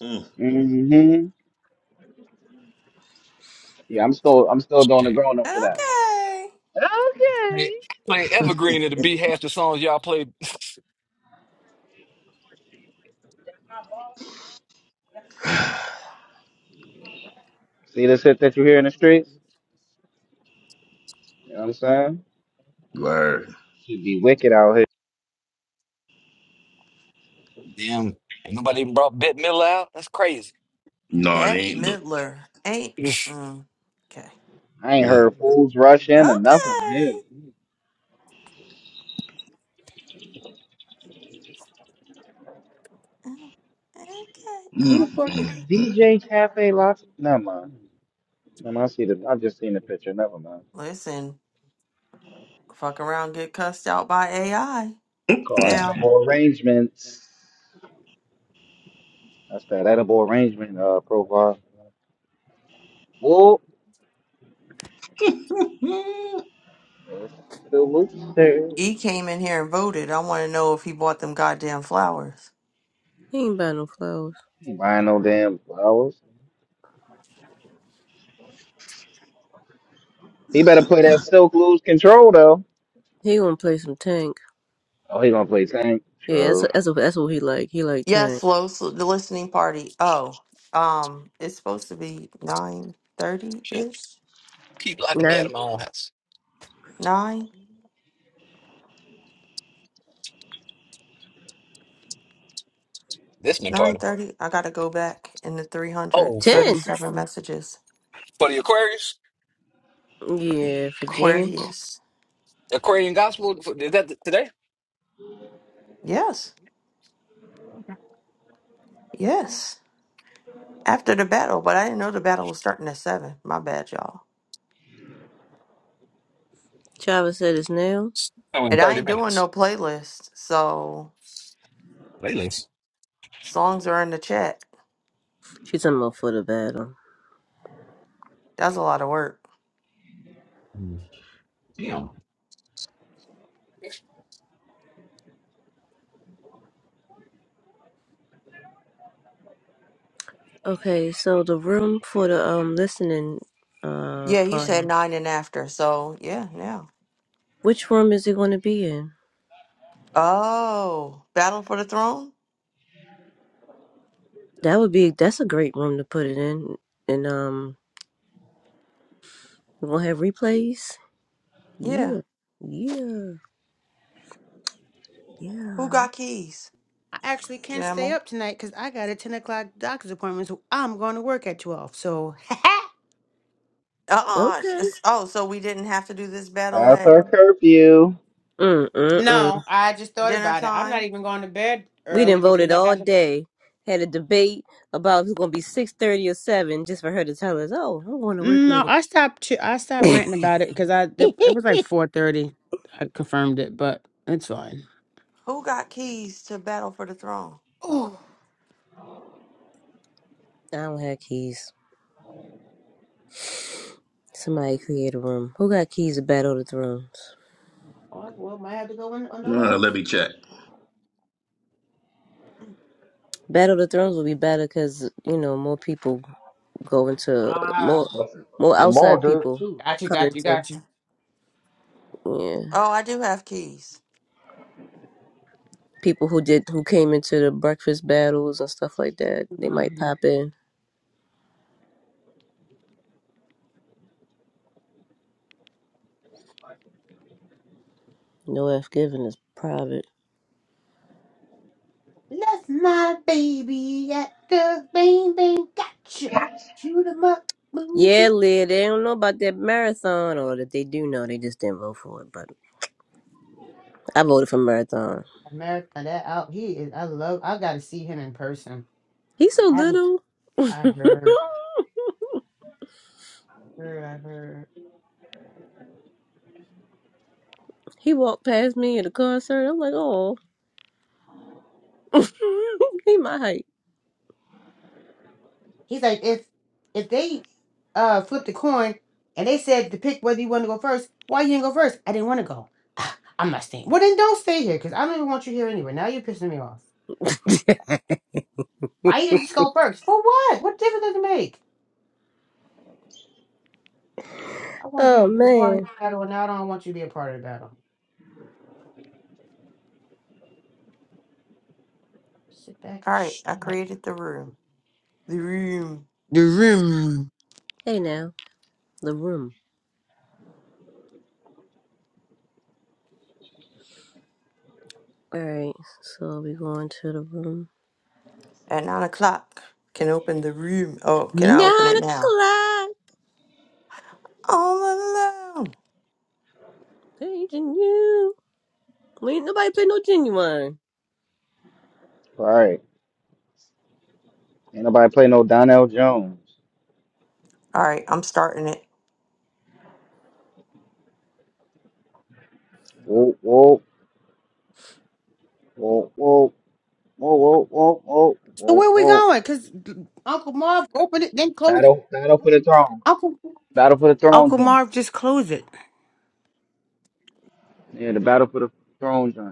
on them. Mm,
hmm Yeah, I'm still I'm still doing the
Shit.
grown up to that.
Okay.
Okay.
Hey, play Evergreen it the B half the songs y'all played.
mm.
See the shit that you hear in the streets? You know what I'm saying?
Word.
Should be wicked out here.
Damn, ain't nobody even brought Bette Midler out. That's crazy.
No, they
Bet
ain't. Look.
Midler ain't. Mm, okay.
I ain't
Mm,
heard fools rush in or nothing
Okay.
new.
Mm,
mm,
Who
Okay.
the fuck is
Alrighty.
mm,
DJ Cafe Lots? Never mind. Never mind. I see the. I just seen the picture. Never mind.
Listen, fuck around, get cussed out by AI.
mm,
Called
mm.
Now,
Edible Arrangements. That's that Edible Arrangement uh profile. Whoop. That's the rooster.
E came in here and voted. I want to know if he bought them goddamn flowers.
He ain't buy no flowers.
He ain't buying no damn flowers. He better play that Silk Lose Control though.
He gonna play some tank.
Oh, he gonna play Tank.
Yeah, that's
True.
that's that's what he like. He like
Yes,
tank.
low s- the listening party. Oh, um, it's supposed to be nine thirty
Shit,
ish.
keep locking me out
Nine.
of my own house.
Nine
Listening
nine
party.
thirty. I gotta go back in the three hundred
Oh, for
thirty
Ten.
seven messages
for the Aquarius,
for the
Yeah, for Jenny.
Aquarius.
Aquarian Gospel. For, is that today?
Yes, yes. After the battle, but I didn't know the battle was starting at seven. My bad, y'all.
Travis said his nail.
Oh, in
And I
thirty
ain't doing no
minutes.
playlist, so
Playlist.
songs are in the chat.
She's talking about for the battle.
That's a lot of work.
Mm. Damn.
Okay, so the room for the um listening uh
Yeah, he said
party.
nine and after. So yeah, now.
Which room is it gonna be in?
Oh, battle for the throne.
That would be that's a great room to put it in. And um we're gonna have replays.
Yeah.
Yeah. Yeah.
Who
Yeah.
got keys?
I actually can't stay
Jamel.
up tonight because I got a 10 o'clock doctor's appointment, so I'm going to work at 12. So,
Uh-uh.
Okay.
s- Oh, so we didn't have to do this battle
Pass
at
our curfew.
Mm, mm, mm.
no, I just thought
dinner
about it. I'm not
time?
even going to bed
We done
early
voted
because I
all
haven't.
day. Had a debate about who's gonna be six thirty or seven, just for her to tell us, "Oh, I'm going to work
No,
later.
I stopped. ch- I stopped ranting about it because I the, it was like 4:30. I confirmed it, but it's fine.
Who got keys to battle for the throne?
Oh,
I don't have keys." Somebody create a room. Who got keys to Battle of the Thrones?
all right, well, might have to go in on the
Uh,
left.
let me check.
Battle of the Thrones will be better because you know more people go into more
Ah,
That's-
more
Jamal
outside
does
people.
too.
got you, got you, got you.
Yeah,
Oh, I do have keys.
people who did who came into the breakfast battles and stuff like that. They might
Mhm.
pop in. No F giving is private.
Left my baby at the bang bang. Got you. Shoot 'em up.
Yeah, Leah, they don't know about that marathon, or that they do know, they just didn't vote for it. But I voted for marathon.
America, that out he is. I love. I got to see him in person.
He's so
I haven't.
little.
I heard. Heard. I heard.
he walked past me at a concert. I'm like, oh, he my height.
He's like if if they uh flipped a coin and they said to pick whether you want to go first. Why you didn't go first? I didn't want to go. "Ah, I'm not staying. Well then don't stay here because I don't even want you here anyway. Now you're pissing me off. Why you didn't just go first? For what? What difference does it make? I want you
oh
to be a part of
man.
the battle, and now I don't want you to be a part of the battle. Sit back and
All right,
shut
I
up.
created the room. The room
The room.
Hey now, the room. All right, so we going to the room.
at nine o'clock. Can open the room. Oh, can I open
Nine
it now?
o'clock.
All alone.
Paging you. Well, ain't nobody play no genuine.
All right. Ain't nobody play no Donnell Jones.
All right, I'm starting it.
Whoop whoop whoop whoop. Whoa, whoa, whoa, whoa,
So
whoa,
where we
whoa.
going? Cause Uncle Marv opened it, then closed.
Battle, battle for the throne.
Uncle
Battle for the Throne
Uncle
game.
Marv, just close it.
Yeah, the Battle for the Throne joint.